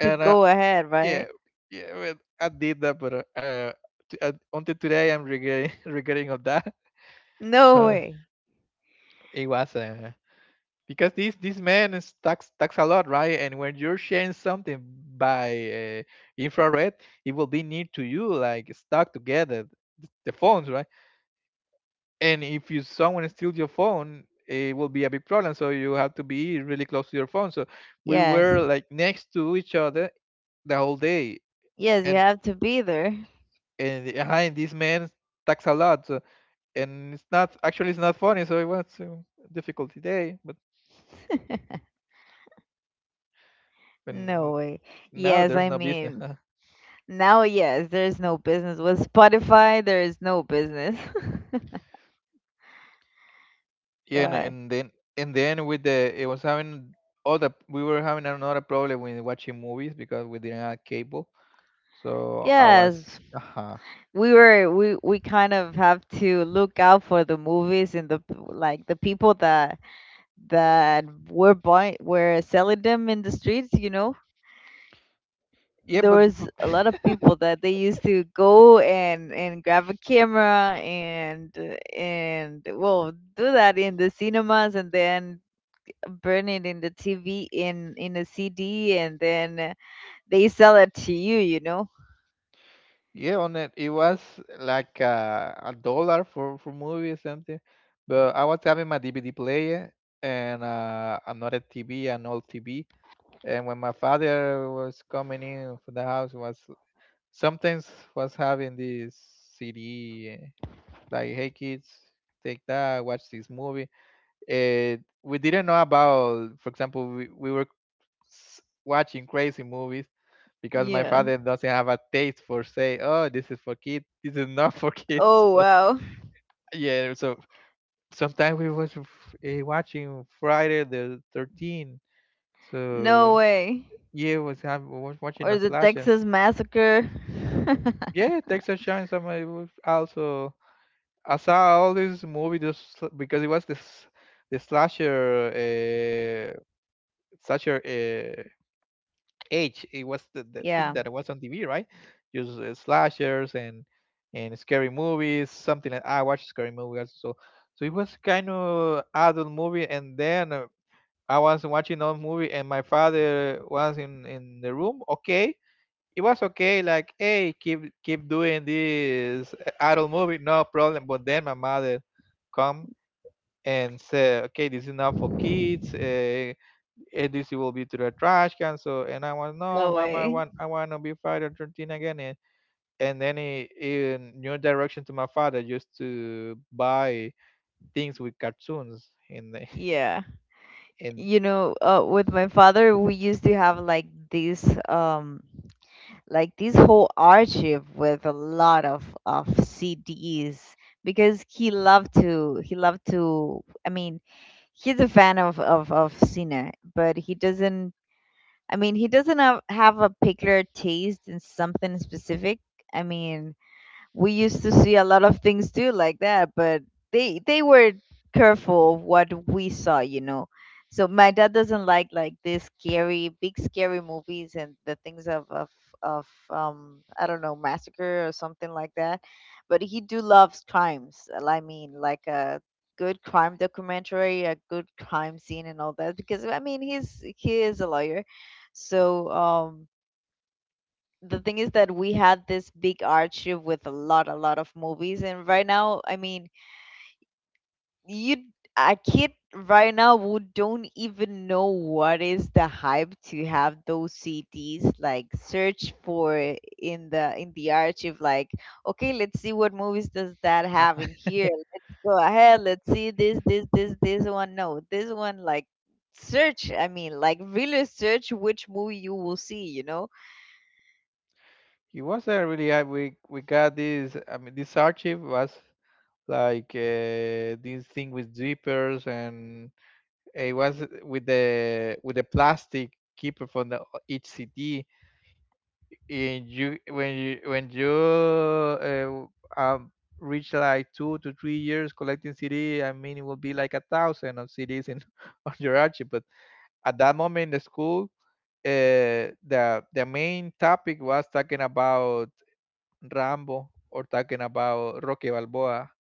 [SPEAKER 1] to
[SPEAKER 2] I.
[SPEAKER 1] go ahead,
[SPEAKER 2] Yeah,
[SPEAKER 1] right?
[SPEAKER 2] yeah. Well, I did that, but uh, uh, t- uh, until today I'm regretting regretting of that.
[SPEAKER 1] No
[SPEAKER 2] But
[SPEAKER 1] way.
[SPEAKER 2] it was uh, because this this man is tax tax a lot, right? And when you're sharing something by uh, infrared, it will be near to you, like stuck together, th- the phones, right? And if you, someone steals your phone, it will be a big problem, so you have to be really close to your phone. So we
[SPEAKER 1] Yes.
[SPEAKER 2] were like next to each other the whole day,
[SPEAKER 1] Yes, you
[SPEAKER 2] and
[SPEAKER 1] have to be there.
[SPEAKER 2] and behind, this man talks a lot, so, and it's not, actually it's not funny. So it was a difficult today, but
[SPEAKER 1] No
[SPEAKER 2] when
[SPEAKER 1] way.
[SPEAKER 2] now
[SPEAKER 1] Yes,
[SPEAKER 2] there's
[SPEAKER 1] I
[SPEAKER 2] no business.
[SPEAKER 1] mean, now yes, there's no business with Spotify, there is no business.
[SPEAKER 2] Yeah, and,
[SPEAKER 1] God.
[SPEAKER 2] and then and then with the it was having all the we were having another problem with watching movies because we didn't have cable. So I was
[SPEAKER 1] Yes,
[SPEAKER 2] uh
[SPEAKER 1] we were we we kind of have to look out for the movies and the p- like the people that that were buying were selling them in the streets. You know
[SPEAKER 2] yeah,
[SPEAKER 1] there
[SPEAKER 2] but,
[SPEAKER 1] was
[SPEAKER 2] but
[SPEAKER 1] a lot of people that they used to go and and grab a camera and uh, and, well, do that in the cinemas and then burn it in the TV in in a CD and then uh, they sell it to you you know
[SPEAKER 2] yeah, on it it was like uh, a dollar for for movie or something. But I was having my D V D player and uh, another T V, an old T V. And when my father was coming in for the house, was sometimes was having this C D, eh, like, "Hey kids, take that, watch this movie." And we didn't know about, for example, we, we were s- watching crazy movies because my
[SPEAKER 1] Yeah.
[SPEAKER 2] father doesn't have a taste for say, "Oh, this is for kids, this is not for
[SPEAKER 1] Oh,
[SPEAKER 2] kids."
[SPEAKER 1] wow.
[SPEAKER 2] So, yeah, so sometimes we was uh, watching Friday the thirteenth.
[SPEAKER 1] No
[SPEAKER 2] So
[SPEAKER 1] way.
[SPEAKER 2] yeah, was have was watching a
[SPEAKER 1] Or the
[SPEAKER 2] slasher.
[SPEAKER 1] Texas massacre.
[SPEAKER 2] Yeah, Texas Chainsaw Massacre was also. I saw all this movie just sl- because it was this the slasher uh, slasher uh, age. It was the, the thing
[SPEAKER 1] Yeah.
[SPEAKER 2] that was on T V, right? Just uh, slashers and and scary movies. Something like I watched scary movies, so so it was kind of adult movie. And then uh, I was watching another movie, and my father was in in the room. Okay, it was okay. Like, hey, keep keep doing this adult movie, no problem. But then my mother come and said, okay, this is not for kids. Uh, eh, this will be to the trash can. So, and I was no,
[SPEAKER 1] No
[SPEAKER 2] mama, I
[SPEAKER 1] way.
[SPEAKER 2] want I want to be Friday thirteen again. And, and then he, he new direction to my father just to buy things with cartoons in the
[SPEAKER 1] Yeah.
[SPEAKER 2] in.
[SPEAKER 1] You know, uh, with my father, we used to have like this, um, like this whole archive with a lot of of C Ds because he loved to, he loved to. I mean, he's a fan of of of Cena, but he doesn't. I mean, he doesn't have, have a particular taste in something specific. I mean, we used to see a lot of things too like that, but they they were careful of what we saw, you know. So my dad doesn't like like this scary, big scary movies and the things of of of um I don't know, massacre or something like that, but he do loves crimes. I mean, like a good crime documentary, a good crime scene, and all that. Because, I mean, he's he is a lawyer, so, um the thing is that we had this big archive with a lot a lot of movies. And right now, I mean, you, a kid right now would don't even know what is the hype to have those CDs, like, search for in the in the archive, like, okay, let's see what movies does that have in here, let's go ahead, let's see this, this, this, this one, no, this one, like, search. I mean, like, really search which movie you will see you know
[SPEAKER 2] It was a really, uh, we we got this. I mean, this archive was like uh, this thing with zippers, and it was with the with the plastic keeper from the each C D. And you when you when you uh, um, reach like two to three years collecting C D, I mean it will be like a thousand of C Ds in, on your archive. But at that moment in the school, uh, the the main topic was talking about Rambo or talking about Rocky Balboa.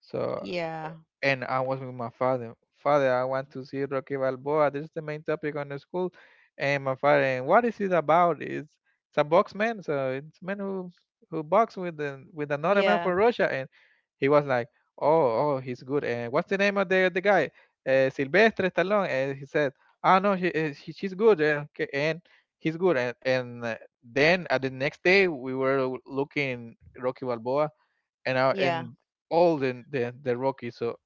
[SPEAKER 2] So.
[SPEAKER 1] Yeah,
[SPEAKER 2] And I was with my father. Father, I want to see Rocky Balboa. This is the main topic on the school. And my father, and what is it about? It's it's a box man, so it's man who who box with the with another man
[SPEAKER 1] yeah,
[SPEAKER 2] from Russia. And he was like, "Oh, oh, he's good. And what's the name of the the guy?" Uh, Sylvester Stallone. And he said, "Oh no, she, uh, she she's good. Uh, okay, and he's good." And and uh, then at the next day, we were looking Rocky Balboa, and our
[SPEAKER 1] yeah.
[SPEAKER 2] and all the the, the Rocky. So.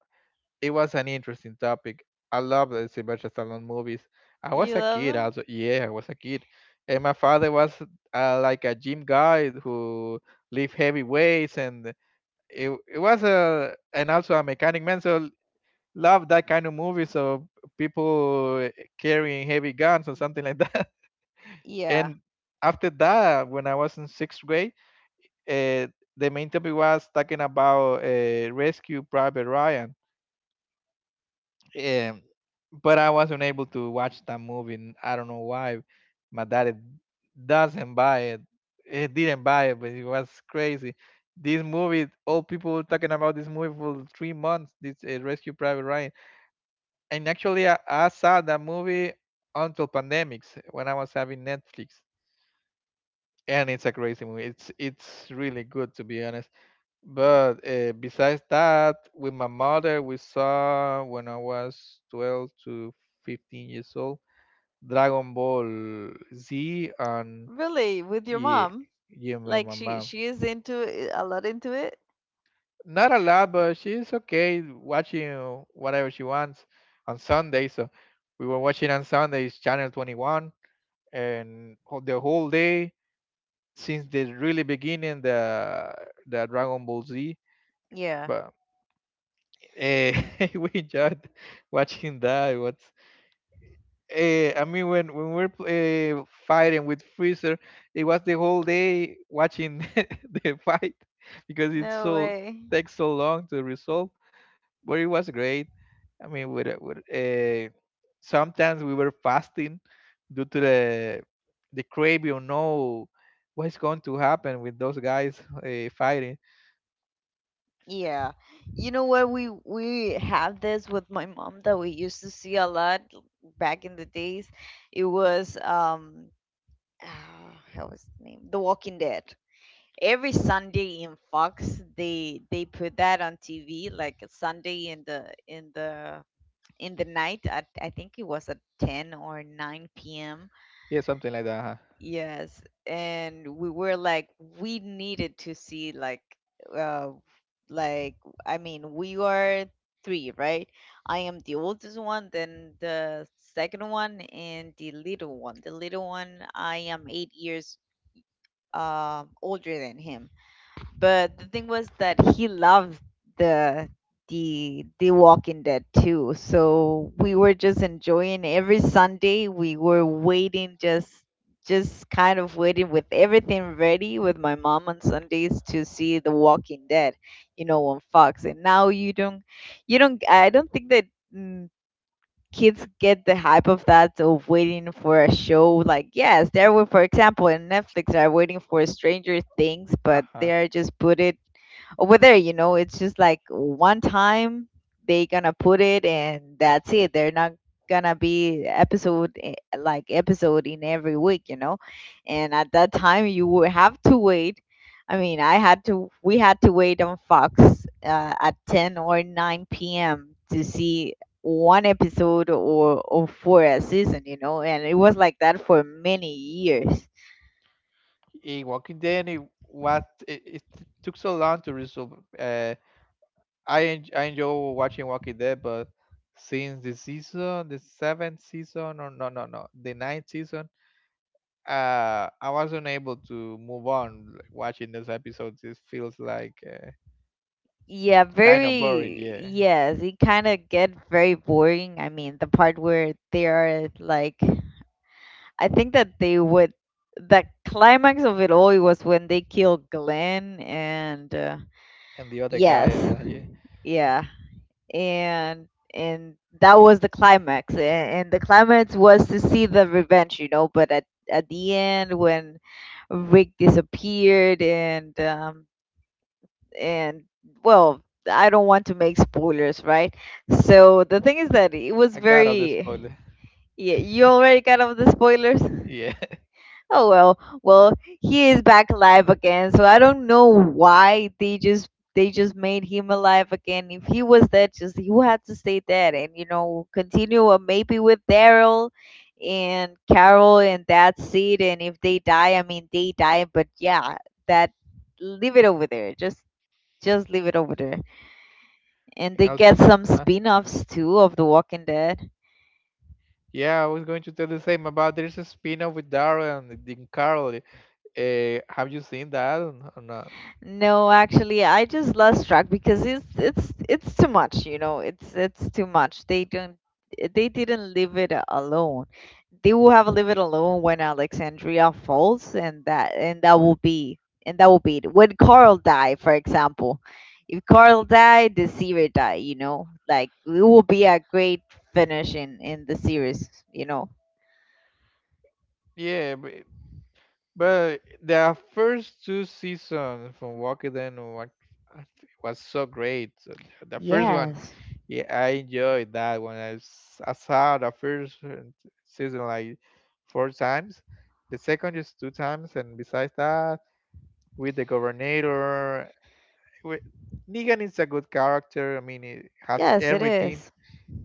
[SPEAKER 2] It was an interesting topic. I love the Sylvester Stallone movies. I was
[SPEAKER 1] You
[SPEAKER 2] a
[SPEAKER 1] love
[SPEAKER 2] kid,
[SPEAKER 1] them?
[SPEAKER 2] also. Yeah, I was a kid, and my father was uh, like a gym guy who lift heavy weights, and it it was a and also a mechanic man. So, love that kind of movies of people carrying heavy guns or something like that.
[SPEAKER 1] Yeah.
[SPEAKER 2] And after that, when I was in sixth grade, uh, the main topic was talking about uh, Rescue Private Ryan. Um, but I wasn't able to watch that movie. And I don't know why. My daddy doesn't buy it. He didn't buy it, but it was crazy. This movie, all people were talking about this movie for three months. This uh, Rescue Private Ryan. And actually, I, I saw that movie until pandemics when I was having Netflix, and it's a crazy movie. It's it's really good, to be honest. But uh, besides that, with my mother, we saw when I was twelve to fifteen years old, Dragon Ball Z, and
[SPEAKER 1] Really? With your
[SPEAKER 2] yeah,
[SPEAKER 1] mom?
[SPEAKER 2] yeah, my
[SPEAKER 1] Like,
[SPEAKER 2] my
[SPEAKER 1] she
[SPEAKER 2] mom.
[SPEAKER 1] she is into it, a lot into it?
[SPEAKER 2] Not a lot, but she's okay watching whatever she wants on Sunday. So we were watching on Sundays, Channel twenty-one, and ho- the whole day since the really beginning, the the Dragon Ball Z.
[SPEAKER 1] Yeah.
[SPEAKER 2] but. Eh, we enjoyed watching that. It was, eh, I mean, when when we we're uh, fighting with Freezer, it was the whole day watching the fight because it
[SPEAKER 1] No
[SPEAKER 2] so
[SPEAKER 1] way.
[SPEAKER 2] takes so long to resolve. But it was great. I mean, with uh, with uh, sometimes we were fasting due to the the crave. You know what's going to happen with those guys uh, fighting.
[SPEAKER 1] Yeah. You know what, we we have this with my mom that we used to see a lot back in the days. It was, um how was the name? The Walking Dead. Every Sunday in Fox, they they put that on T V like a Sunday in the in the in the night at, I think it was at ten or nine p m.
[SPEAKER 2] Yeah, something like that. Huh?
[SPEAKER 1] Yes, and we were like we needed to see, like, uh like, I mean, we are three, right? I am the oldest one, then the second one and the little one. The little one, I am eight years um older than him. But the thing was that he loved the the the Walking Dead too. So we were just enjoying every Sunday. We were waiting, just just kind of waiting with everything ready with my mom on Sundays to see The Walking Dead, you know, on Fox. And now you don't you don't I don't think that, mm, kids get the hype of that, of waiting for a show. Like, yes, there were, for example, in Netflix they are waiting for Stranger Things, but
[SPEAKER 2] Uh-huh.
[SPEAKER 1] they are just put it over there, you know it's just like one time they gonna put it and that's it. They're not gonna be episode, eh, like, episode in every week, you know and at that time you would have to wait. I mean, I had to we had to wait on Fox, uh, at ten or nine p m to see one episode, or, or for a season, you know and it was like that for many years.
[SPEAKER 2] In Walking Dead, it was it, it took so long to resolve. Uh, I en- I enjoy watching Walking Dead, but since the season, the seventh season, or no, no, no, the ninth season, uh, I was not able to move on, like, watching this episode. It feels like uh,
[SPEAKER 1] Yeah,
[SPEAKER 2] kind of boring,
[SPEAKER 1] very,
[SPEAKER 2] yeah.
[SPEAKER 1] yes, it kind of get very boring. I mean, the part where they are like, I think that they would, the climax of it all, it was when they killed Glenn, and, uh,
[SPEAKER 2] And the other
[SPEAKER 1] yes.
[SPEAKER 2] guy, uh, yeah,
[SPEAKER 1] Yeah. And and that was the climax. And, and the climax was to see the revenge, you know, but at at the end, when Rick disappeared, and, um and well, I don't want to make spoilers, right? So the thing is that it was
[SPEAKER 2] I got all the
[SPEAKER 1] very—
[SPEAKER 2] spoiler.
[SPEAKER 1] Yeah, you already got off the spoilers.
[SPEAKER 2] Yeah.
[SPEAKER 1] Oh, well, well he is back alive again, so I don't know why they just they just made him alive again. If he was dead, just he would have to stay dead and, you know continue, or maybe with Daryl and Carol and that seed. And if they die, I mean, they die, but yeah, that, leave it over there, just just leave it over there. And
[SPEAKER 2] And
[SPEAKER 1] they
[SPEAKER 2] also,
[SPEAKER 1] get some
[SPEAKER 2] uh,
[SPEAKER 1] spin-offs too of The Walking Dead.
[SPEAKER 2] yeah, I was going to tell the same about there's a spin-off with Daryl and Dean Carl. Uh, have you seen that or not?
[SPEAKER 1] No, actually, I just lost track because it's it's it's too much, you know. It's it's too much. They don't they didn't leave it alone. They will have leave it alone when Alexandria falls, and that and that will be and that will be it. When Carl die, for example, if Carl died, the series die. You know, like, it will be a great finish in in the series. You know.
[SPEAKER 2] Yeah, but, but the first two seasons from Walking Dead wa- was so great. So The the first one,
[SPEAKER 1] Yes,
[SPEAKER 2] yeah, I enjoyed that one. I, s- I saw the first uh, season like four times. The second is two times, and besides that, with the governor, with, Negan is a good character. I mean, it has
[SPEAKER 1] yes, it
[SPEAKER 2] everything,
[SPEAKER 1] is.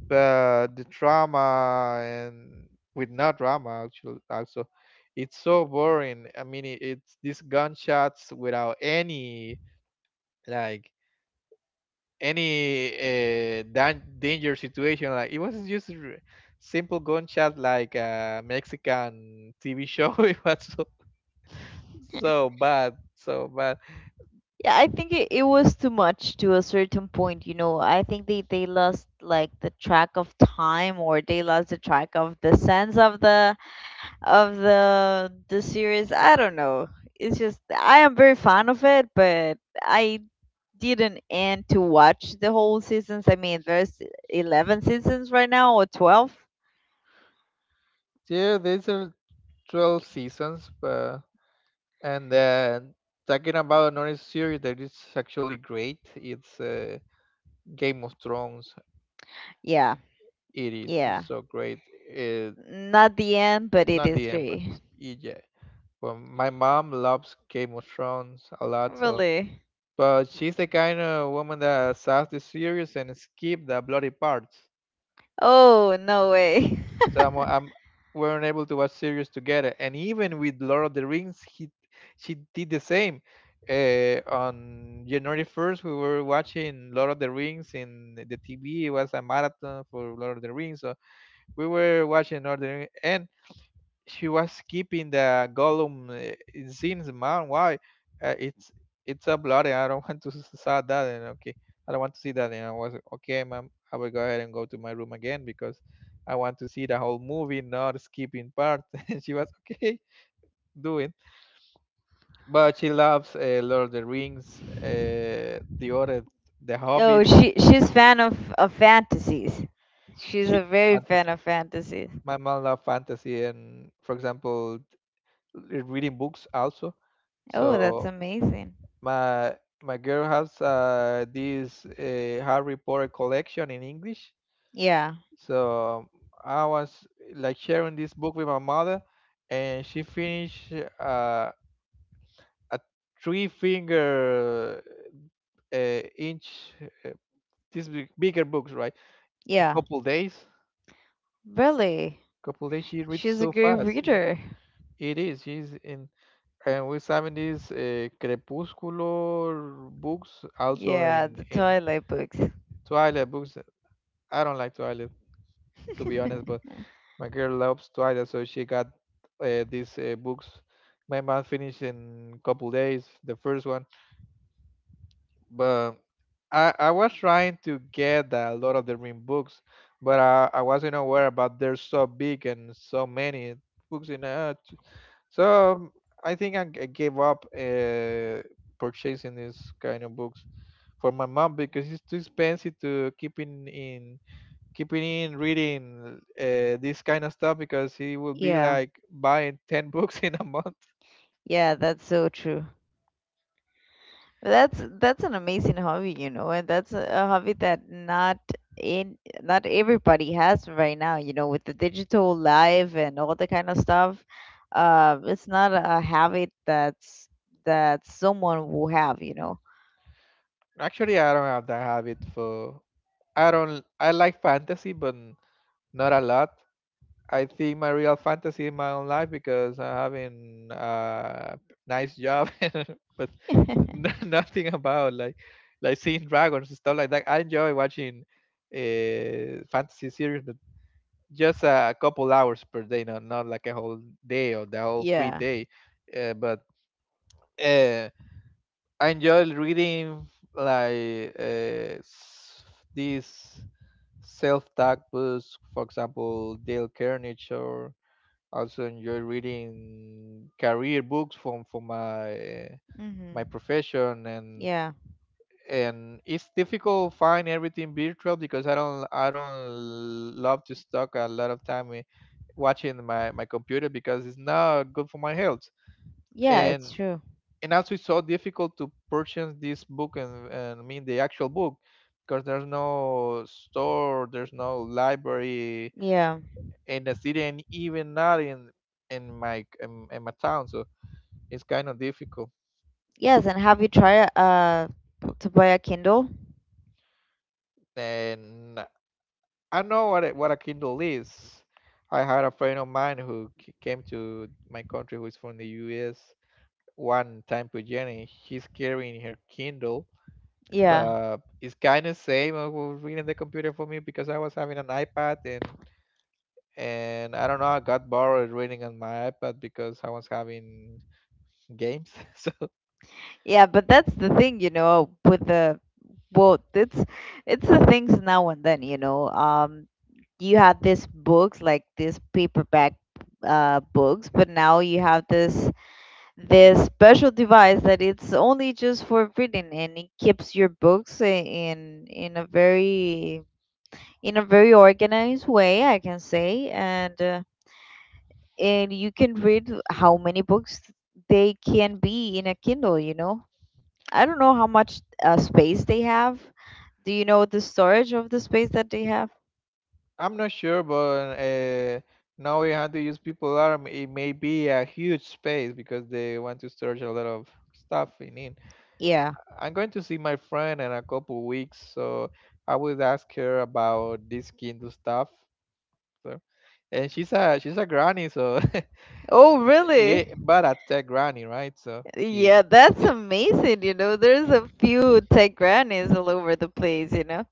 [SPEAKER 2] uh, the drama. And with no drama actually also it's so boring. I mean, it, it's these gunshots without any like any uh, dan- danger situation. Like, it was just r- simple gunshot like a Mexican TV show. It was so, so bad, so bad.
[SPEAKER 1] Yeah, I think it, it was too much to a certain point, you know. I think they they lost like the track of time, or they lost the track of the sense of the of the the series. I don't know. It's just, I am very fan of it, but I didn't end to watch the whole seasons. I mean, there's eleven seasons right now or twelve.
[SPEAKER 2] Yeah, these are twelve seasons. But and then talking about another series that is actually great, it's uh, Game of Thrones.
[SPEAKER 1] Yeah.
[SPEAKER 2] It is g-
[SPEAKER 1] Yeah.
[SPEAKER 2] so great. It,
[SPEAKER 1] Not the end, but it
[SPEAKER 2] not
[SPEAKER 1] is
[SPEAKER 2] the end, but
[SPEAKER 1] great.
[SPEAKER 2] yeah. Well, my mom loves Game of Thrones a lot, so
[SPEAKER 1] Really.
[SPEAKER 2] but she's the kind of woman that saws the series and skip the bloody parts.
[SPEAKER 1] Oh, no way.
[SPEAKER 2] So I'm, I'm weren't able to watch series together. And even with Lord of the Rings, he she did the same. Uh, on January first, we were watching Lord of the Rings in the T V. It was a marathon for Lord of the Rings, so we were watching Lord of the Rings, and she was keeping the Gollum uh, scenes, man. Why? Uh, it's it's a bloody. I don't want to s- saw that. And okay, I don't want to see that. And I was okay, mom. I will go ahead and go to my room again because I want to see the whole movie, not skipping parts. And she was okay, do it. But she loves uh, Lord of the Rings, uh, the other, The
[SPEAKER 1] No,
[SPEAKER 2] Hobbit.
[SPEAKER 1] she she's fan of of fantasies. She's
[SPEAKER 2] She
[SPEAKER 1] a very
[SPEAKER 2] loves
[SPEAKER 1] fan
[SPEAKER 2] fantasy.
[SPEAKER 1] of fantasies.
[SPEAKER 2] My mom loves fantasy, and for example, re- reading books also.
[SPEAKER 1] Oh, that's
[SPEAKER 2] So
[SPEAKER 1] amazing.
[SPEAKER 2] My my girl has uh, this uh, Harry Potter collection in English,
[SPEAKER 1] Yeah,
[SPEAKER 2] so I was like sharing this book with my mother, and she finished uh, a three finger uh, inch uh, these big, bigger books, right? In
[SPEAKER 1] yeah,
[SPEAKER 2] couple days,
[SPEAKER 1] really.
[SPEAKER 2] couple days she reads
[SPEAKER 1] She's a
[SPEAKER 2] so
[SPEAKER 1] great
[SPEAKER 2] fast.
[SPEAKER 1] reader.
[SPEAKER 2] It is. She's in, and we're having these uh, crepuscular books also
[SPEAKER 1] Yeah,
[SPEAKER 2] in
[SPEAKER 1] the
[SPEAKER 2] in
[SPEAKER 1] Twilight books.
[SPEAKER 2] Twilight books. I don't like to eyelid, to be honest, but my girl loves Twilight, so she got uh, these uh, books. My mom finished in couple days, the first one. But I, I was trying to get a lot of the Ring books, but I, I wasn't aware about they're so big and so many books in it. So um, I think I g- gave up uh, purchasing these kind of books for my mom because it's too expensive to keep in in keeping in reading uh, this kind of stuff because he will be
[SPEAKER 1] Yeah,
[SPEAKER 2] like buying ten books in a month.
[SPEAKER 1] yeah, that's so true. That's that's an amazing hobby, you know, and that's a a hobby that not, in not everybody has right now, you know, with the digital life and all the kind of stuff. Uh, it's not a habit that's that someone will have, you know.
[SPEAKER 2] Actually, I don't have that habit. For I don't I like fantasy, but not a lot. I think my real fantasy in my own life because I'm having a nice job. But n- nothing about like like seeing dragons and stuff like that. I enjoy watching uh fantasy series just a couple hours per day, not not like a whole day or the whole free
[SPEAKER 1] Yeah.
[SPEAKER 2] day. Uh, but uh, I enjoy reading, like, uh, s- these self-taught books, for example, Dale Carnegie, or also enjoy reading career books from from my uh, my
[SPEAKER 1] Mm-hmm.
[SPEAKER 2] profession. and
[SPEAKER 1] Yeah.
[SPEAKER 2] and it's difficult to find everything virtual because I don't I don't love to stuck a lot of time i- watching my, my computer because it's not good for my health.
[SPEAKER 1] Yeah, it's
[SPEAKER 2] And
[SPEAKER 1] true.
[SPEAKER 2] and also it's so difficult to purchase this book, and, and I mean the actual book because there's no store, there's no library
[SPEAKER 1] Yeah.
[SPEAKER 2] in the city, and even not in in my in, in my town. So it's kind of difficult.
[SPEAKER 1] Yes, and have you tried uh to buy a Kindle?
[SPEAKER 2] And I know what a, what a Kindle is. I had a friend of mine who c- came to my country, who is from the U S. One time to Jenny, she's carrying her Kindle,
[SPEAKER 1] Yeah.
[SPEAKER 2] but it's kind of same. I was reading the computer for me because I was having an iPad, and and I don't know. I got bored reading on my iPad because I was having games. So
[SPEAKER 1] Yeah, but that's the thing, you know, with the well, it's it's the things now and then, you know. Um, you had these books, like, these paperback, uh books, but now you have this this special device that it's only just for reading, and it keeps your books, i- in in a very, in a very organized way, I can say, and, uh, and you can read how many books they can be in a Kindle, you know. I don't know how much, uh, space they have. Do you know the storage of the space that they have?
[SPEAKER 2] I'm not sure, but uh, now we have to use people arm. It may be a huge space because they want to storage a lot of stuff in it.
[SPEAKER 1] Yeah.
[SPEAKER 2] I'm going to see my friend in a couple weeks, so I would ask her about this Kindle stuff. So, and she's a she's a granny, so
[SPEAKER 1] Oh,
[SPEAKER 2] yeah,
[SPEAKER 1] really?
[SPEAKER 2] but a tech granny, right? So she
[SPEAKER 1] Yeah, that's
[SPEAKER 2] yeah,
[SPEAKER 1] amazing. You know, there's a few tech grannies all over the place, you know?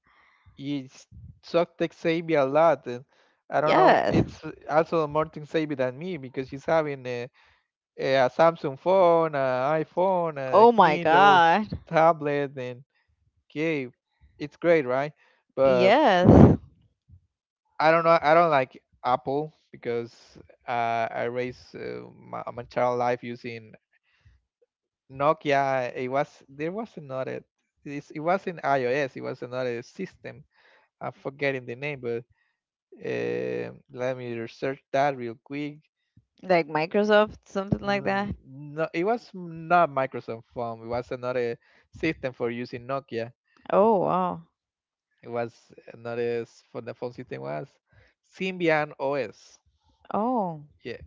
[SPEAKER 2] it's so tech savvy a lot. And I don't know,
[SPEAKER 1] Yes.
[SPEAKER 2] it's also more tech savvy than me because she's having a, a Samsung phone, an iPhone, a
[SPEAKER 1] Oh my
[SPEAKER 2] Kindle
[SPEAKER 1] God.
[SPEAKER 2] tablet, and okay, it's great, right? But
[SPEAKER 1] Yes.
[SPEAKER 2] I don't know. I don't like Apple because uh, I raised uh, my, my child life using Nokia. It was there was another. it's, it was in iOS. It was another system. I'm forgetting the name, but uh, let me research that real quick.
[SPEAKER 1] Like Microsoft, something like that.
[SPEAKER 2] N- No, it was not Microsoft phone. It was another system for using Nokia.
[SPEAKER 1] Oh, wow.
[SPEAKER 2] It was another s- for the phone system was Symbian O S.
[SPEAKER 1] Oh.
[SPEAKER 2] Yeah,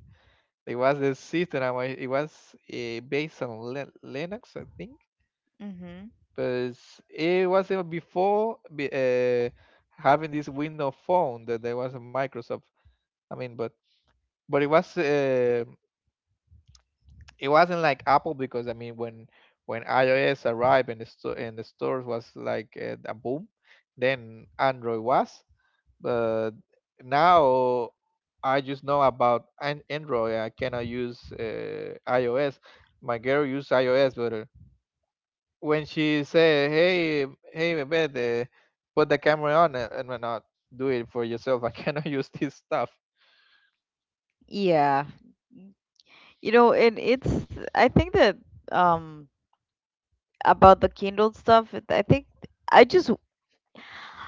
[SPEAKER 2] it was a system. I wa- It was uh, based on Lin- Linux, I think.
[SPEAKER 1] Mm-hmm.
[SPEAKER 2] But it was even before be- uh, having this Windows phone that there was a Microsoft. I mean, but but it was uh, it wasn't like Apple because I mean, when when iOS arrived and the store and the stores was like uh, a boom, then Android was. But now I just know about an Android. I cannot use uh, iOS. My girl use iOS, but uh, when she say, "Hey, hey, Beth, uh, put the camera on," uh, and why not do it for yourself. I cannot use this stuff.
[SPEAKER 1] Yeah. You know, and it's, I think that, um about the Kindle stuff, it- I think I just,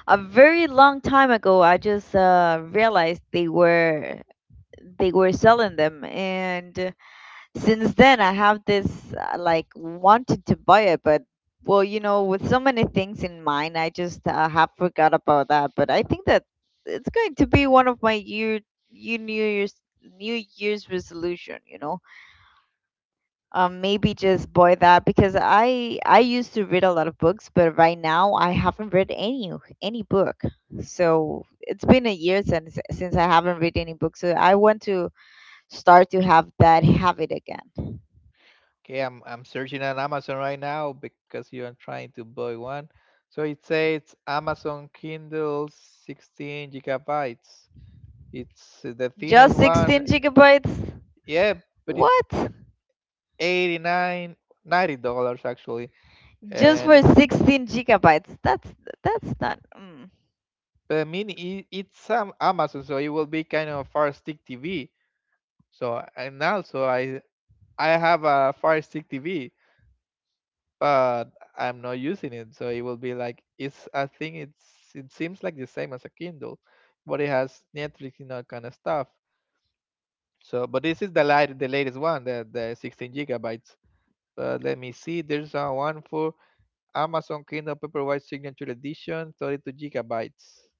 [SPEAKER 1] a very long time ago I just, uh, realized they were, they were selling them, and, uh, since then I have this, uh, like, wanted to buy it, but, well, you know with so many things in mind I just, uh, have forgot about that, but I think that it's going to be one of my year, you new year's, new year's resolution you know um, Maybe just boil that, because I I used to read a lot of books, but right now I haven't read any any book. So it's been a year since since I haven't read any book. So I want to start to have that habit again.
[SPEAKER 2] Okay, I'm I'm searching on Amazon right now because you are trying to buy one. So it says Amazon Kindle sixteen gigabytes. It's the thinnest
[SPEAKER 1] Just sixteen
[SPEAKER 2] one.
[SPEAKER 1] gigabytes?
[SPEAKER 2] Yeah, but it's
[SPEAKER 1] What?
[SPEAKER 2] Eighty nine, ninety dollars dollars actually.
[SPEAKER 1] Just for
[SPEAKER 2] And
[SPEAKER 1] sixteen gigabytes? That's that's not, mm,
[SPEAKER 2] But I mean, it, it's um, Amazon, so it will be kind of Fire Stick T V. So, and also I I have a Fire Stick T V, but I'm not using it. So it will be like it's. I think it's. It seems like the same as a Kindle, but it has Netflix and all kind of stuff. So, but this is the light, the latest one, the the sixteen gigabytes. But let me see. There's uh, one for Amazon Kindle Paperwhite Signature Edition, thirty-two gigabytes.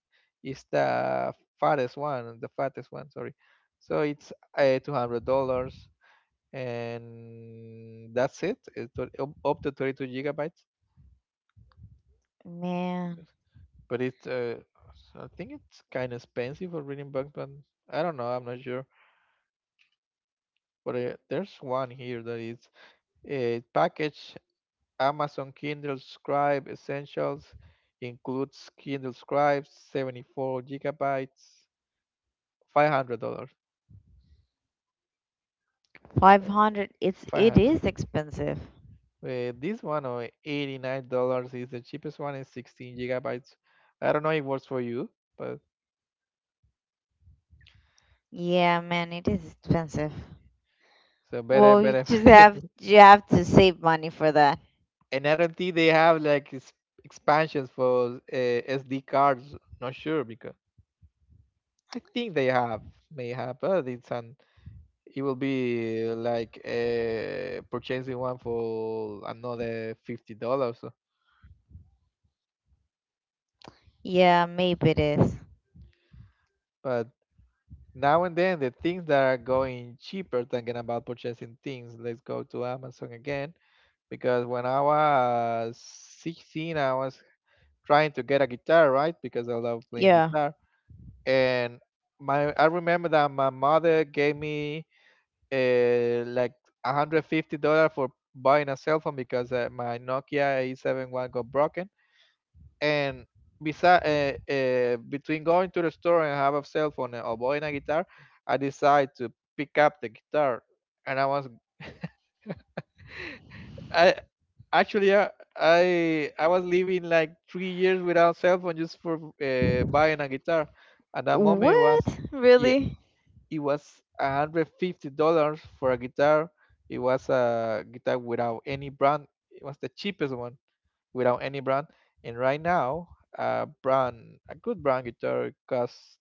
[SPEAKER 2] It's the fattest one, the fattest one, sorry. So it's uh, two hundred dollars and that's it. It's up to thirty-two gigabytes.
[SPEAKER 1] man.
[SPEAKER 2] But it, uh, so I think it's kind of expensive for reading books, but I don't know, I'm not sure. But uh, there's one here that is a package. Amazon Kindle Scribe Essentials includes Kindle Scribe seventy-four gigabytes, five hundred dollars. uh,
[SPEAKER 1] five hundred, it's it
[SPEAKER 2] five hundred.
[SPEAKER 1] is expensive.
[SPEAKER 2] Uh, this one or eighty-nine dollars is the cheapest one is sixteen gigabytes. I don't know if it works for you, but
[SPEAKER 1] Yeah, man, it is expensive.
[SPEAKER 2] so better,
[SPEAKER 1] Well, you
[SPEAKER 2] better.
[SPEAKER 1] just have you have to save money for that.
[SPEAKER 2] And I don't think they have like ex- expansions for uh, S D cards. Not sure because I think they have may have, but it's an it will be like uh, purchasing one for another fifty dollars.
[SPEAKER 1] Yeah, maybe it is.
[SPEAKER 2] But now and then, the things that are going cheaper, thinking about purchasing things, let's go to Amazon again. Because when I was sixteen, I was trying to get a guitar, right? Because I love playing
[SPEAKER 1] Yeah.
[SPEAKER 2] guitar. And my I remember that my mother gave me uh, like one hundred fifty dollars for buying a cell phone because uh, my Nokia A seven one got broken, and besides uh, uh, between going to the store and have a cell phone, eh, or buying a guitar, I decided to pick up the guitar. And I was I actually i i, I was living like three years without cell phone just for uh, buying a guitar at that moment. It
[SPEAKER 1] What?
[SPEAKER 2] was yeah,
[SPEAKER 1] Really?
[SPEAKER 2] it was one hundred fifty dollars for a guitar. It was a guitar without any brand. It was the cheapest one without any brand. And right now, a brand, a good brand guitar costs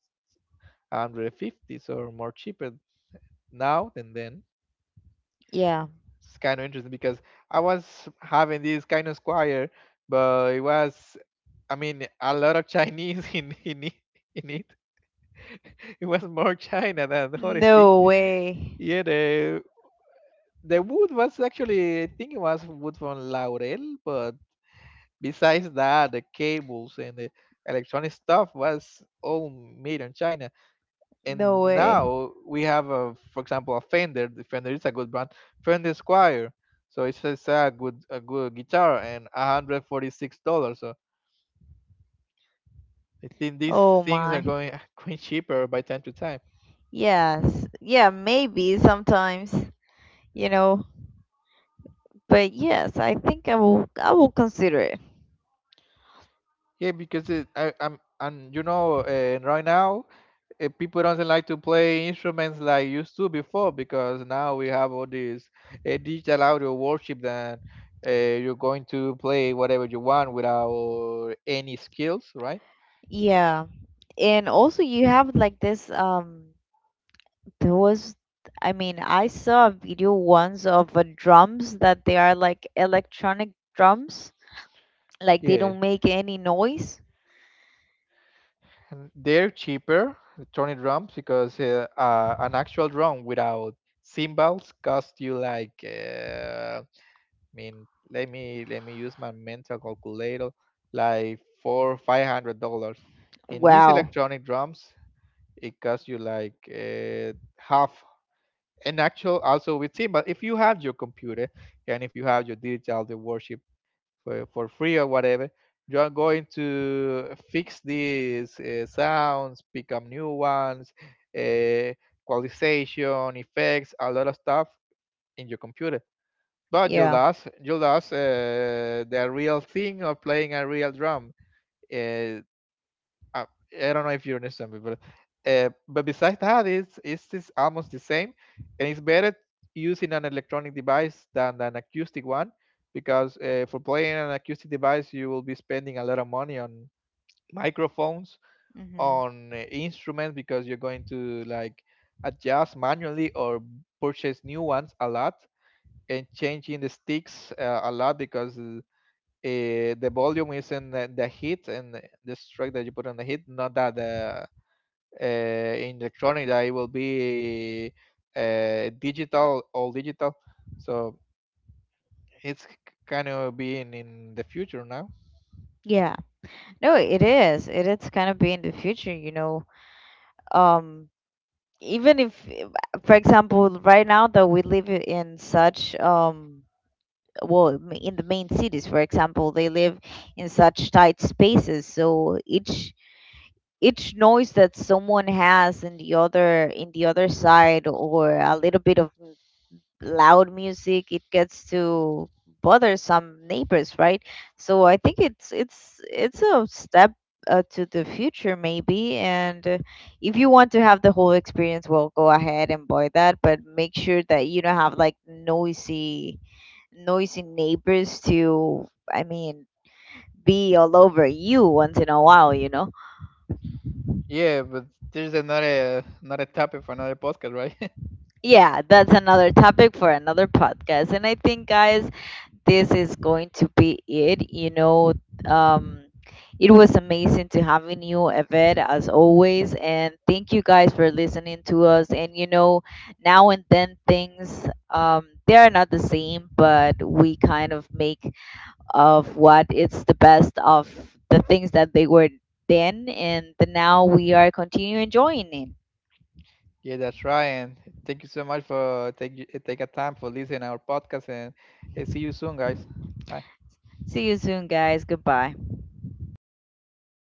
[SPEAKER 2] one hundred fifty or more cheaper now than then.
[SPEAKER 1] Yeah.
[SPEAKER 2] It's kind of interesting because I was having this kind of squire, but it was, I mean, a lot of Chinese in in it. In it. It was more China than the other thing.
[SPEAKER 1] No way.
[SPEAKER 2] Yeah, the the wood was actually, I think it was wood from laurel. But besides that, the cables and the electronic stuff was all made in China. And
[SPEAKER 1] No way.
[SPEAKER 2] now we have, a, for example, a Fender. The Fender is a good brand. Fender Squire. So it's, it's a good a good guitar and one hundred forty-six dollars. So I think these
[SPEAKER 1] Oh
[SPEAKER 2] things are
[SPEAKER 1] my.
[SPEAKER 2] going going cheaper by time to time.
[SPEAKER 1] Yes. Yeah, maybe sometimes, you know, but yes, I think I will I will consider it.
[SPEAKER 2] Yeah, because it, I, I'm, and you know uh, right now, eh, people doesn't like to play instruments like used to before because now we have all these uh, digital audio worship that uh, you're going to play whatever you want without any skills, right?
[SPEAKER 1] Yeah. And also you have, like, this, um there was, I mean, I saw a video once of, uh, drums that they are, like, electronic drums. Like, they
[SPEAKER 2] Yeah,
[SPEAKER 1] don't make any noise.
[SPEAKER 2] and they're cheaper, the Tony drums, because uh, uh, an actual drum without cymbals cost you like uh, I mean, let me let me use my mental calculator, like four five hundred dollars. And these
[SPEAKER 1] Wow.
[SPEAKER 2] electronic drums. It costs you like uh, half an actual also with SIM. But if you have your computer and if you have your digital the worship for, for free or whatever, you are going to fix these uh, sounds, pick up new ones, uh, qualization, effects, a lot of stuff in your computer. But you
[SPEAKER 1] Yeah.
[SPEAKER 2] lost, you lost uh, the real thing of playing a real drum. Uh, uh, I don't know if you understand me, but uh, but besides that, it's it's just almost the same, and it's better using an electronic device than an acoustic one because uh, for playing an acoustic device, you will be spending a lot of money on microphones,
[SPEAKER 1] Hmm.
[SPEAKER 2] on uh, instruments because you're going to, like, adjust manually or purchase new ones a lot and changing the sticks uh, a lot because. Uh, the volume is in the, the hit and the the stroke that you put on the hit, not that the uh, in electronic that it will be uh, digital all digital. So it's kind of being in the future now.
[SPEAKER 1] Yeah. No, it is. It is kind of be in the future, you know. Um, Even if, eh, for example, right now that we live in such, um, well, m- in the main cities, for example, they live in such tight spaces. So each each noise that someone has in the other, in the other side, or a little bit of loud music, it gets to bother some neighbors, right? So I think it's it's it's a step, uh, to the future, maybe. And, uh, if you want to have the whole experience, well, go ahead and buy that, but make sure that you don't have, like, noisy noisy neighbors to, I mean, be all over you once in a while, you know
[SPEAKER 2] Yeah, but there's another another topic for another podcast, right?
[SPEAKER 1] yeah, that's another topic for another podcast. And I think, guys, this is going to be it. You know, um, it was amazing to having you, Evette, as always. And thank you guys for listening to us. And, you know, now and then things, um, they are not the same, but we kind of make of what it's the best of the things that they were then, and the now we are continuing enjoying it.
[SPEAKER 2] Yeah, that's right. And thank you so much for take take a time for listening our podcast. And uh, see you soon, guys. Bye.
[SPEAKER 1] See you soon, guys. Goodbye.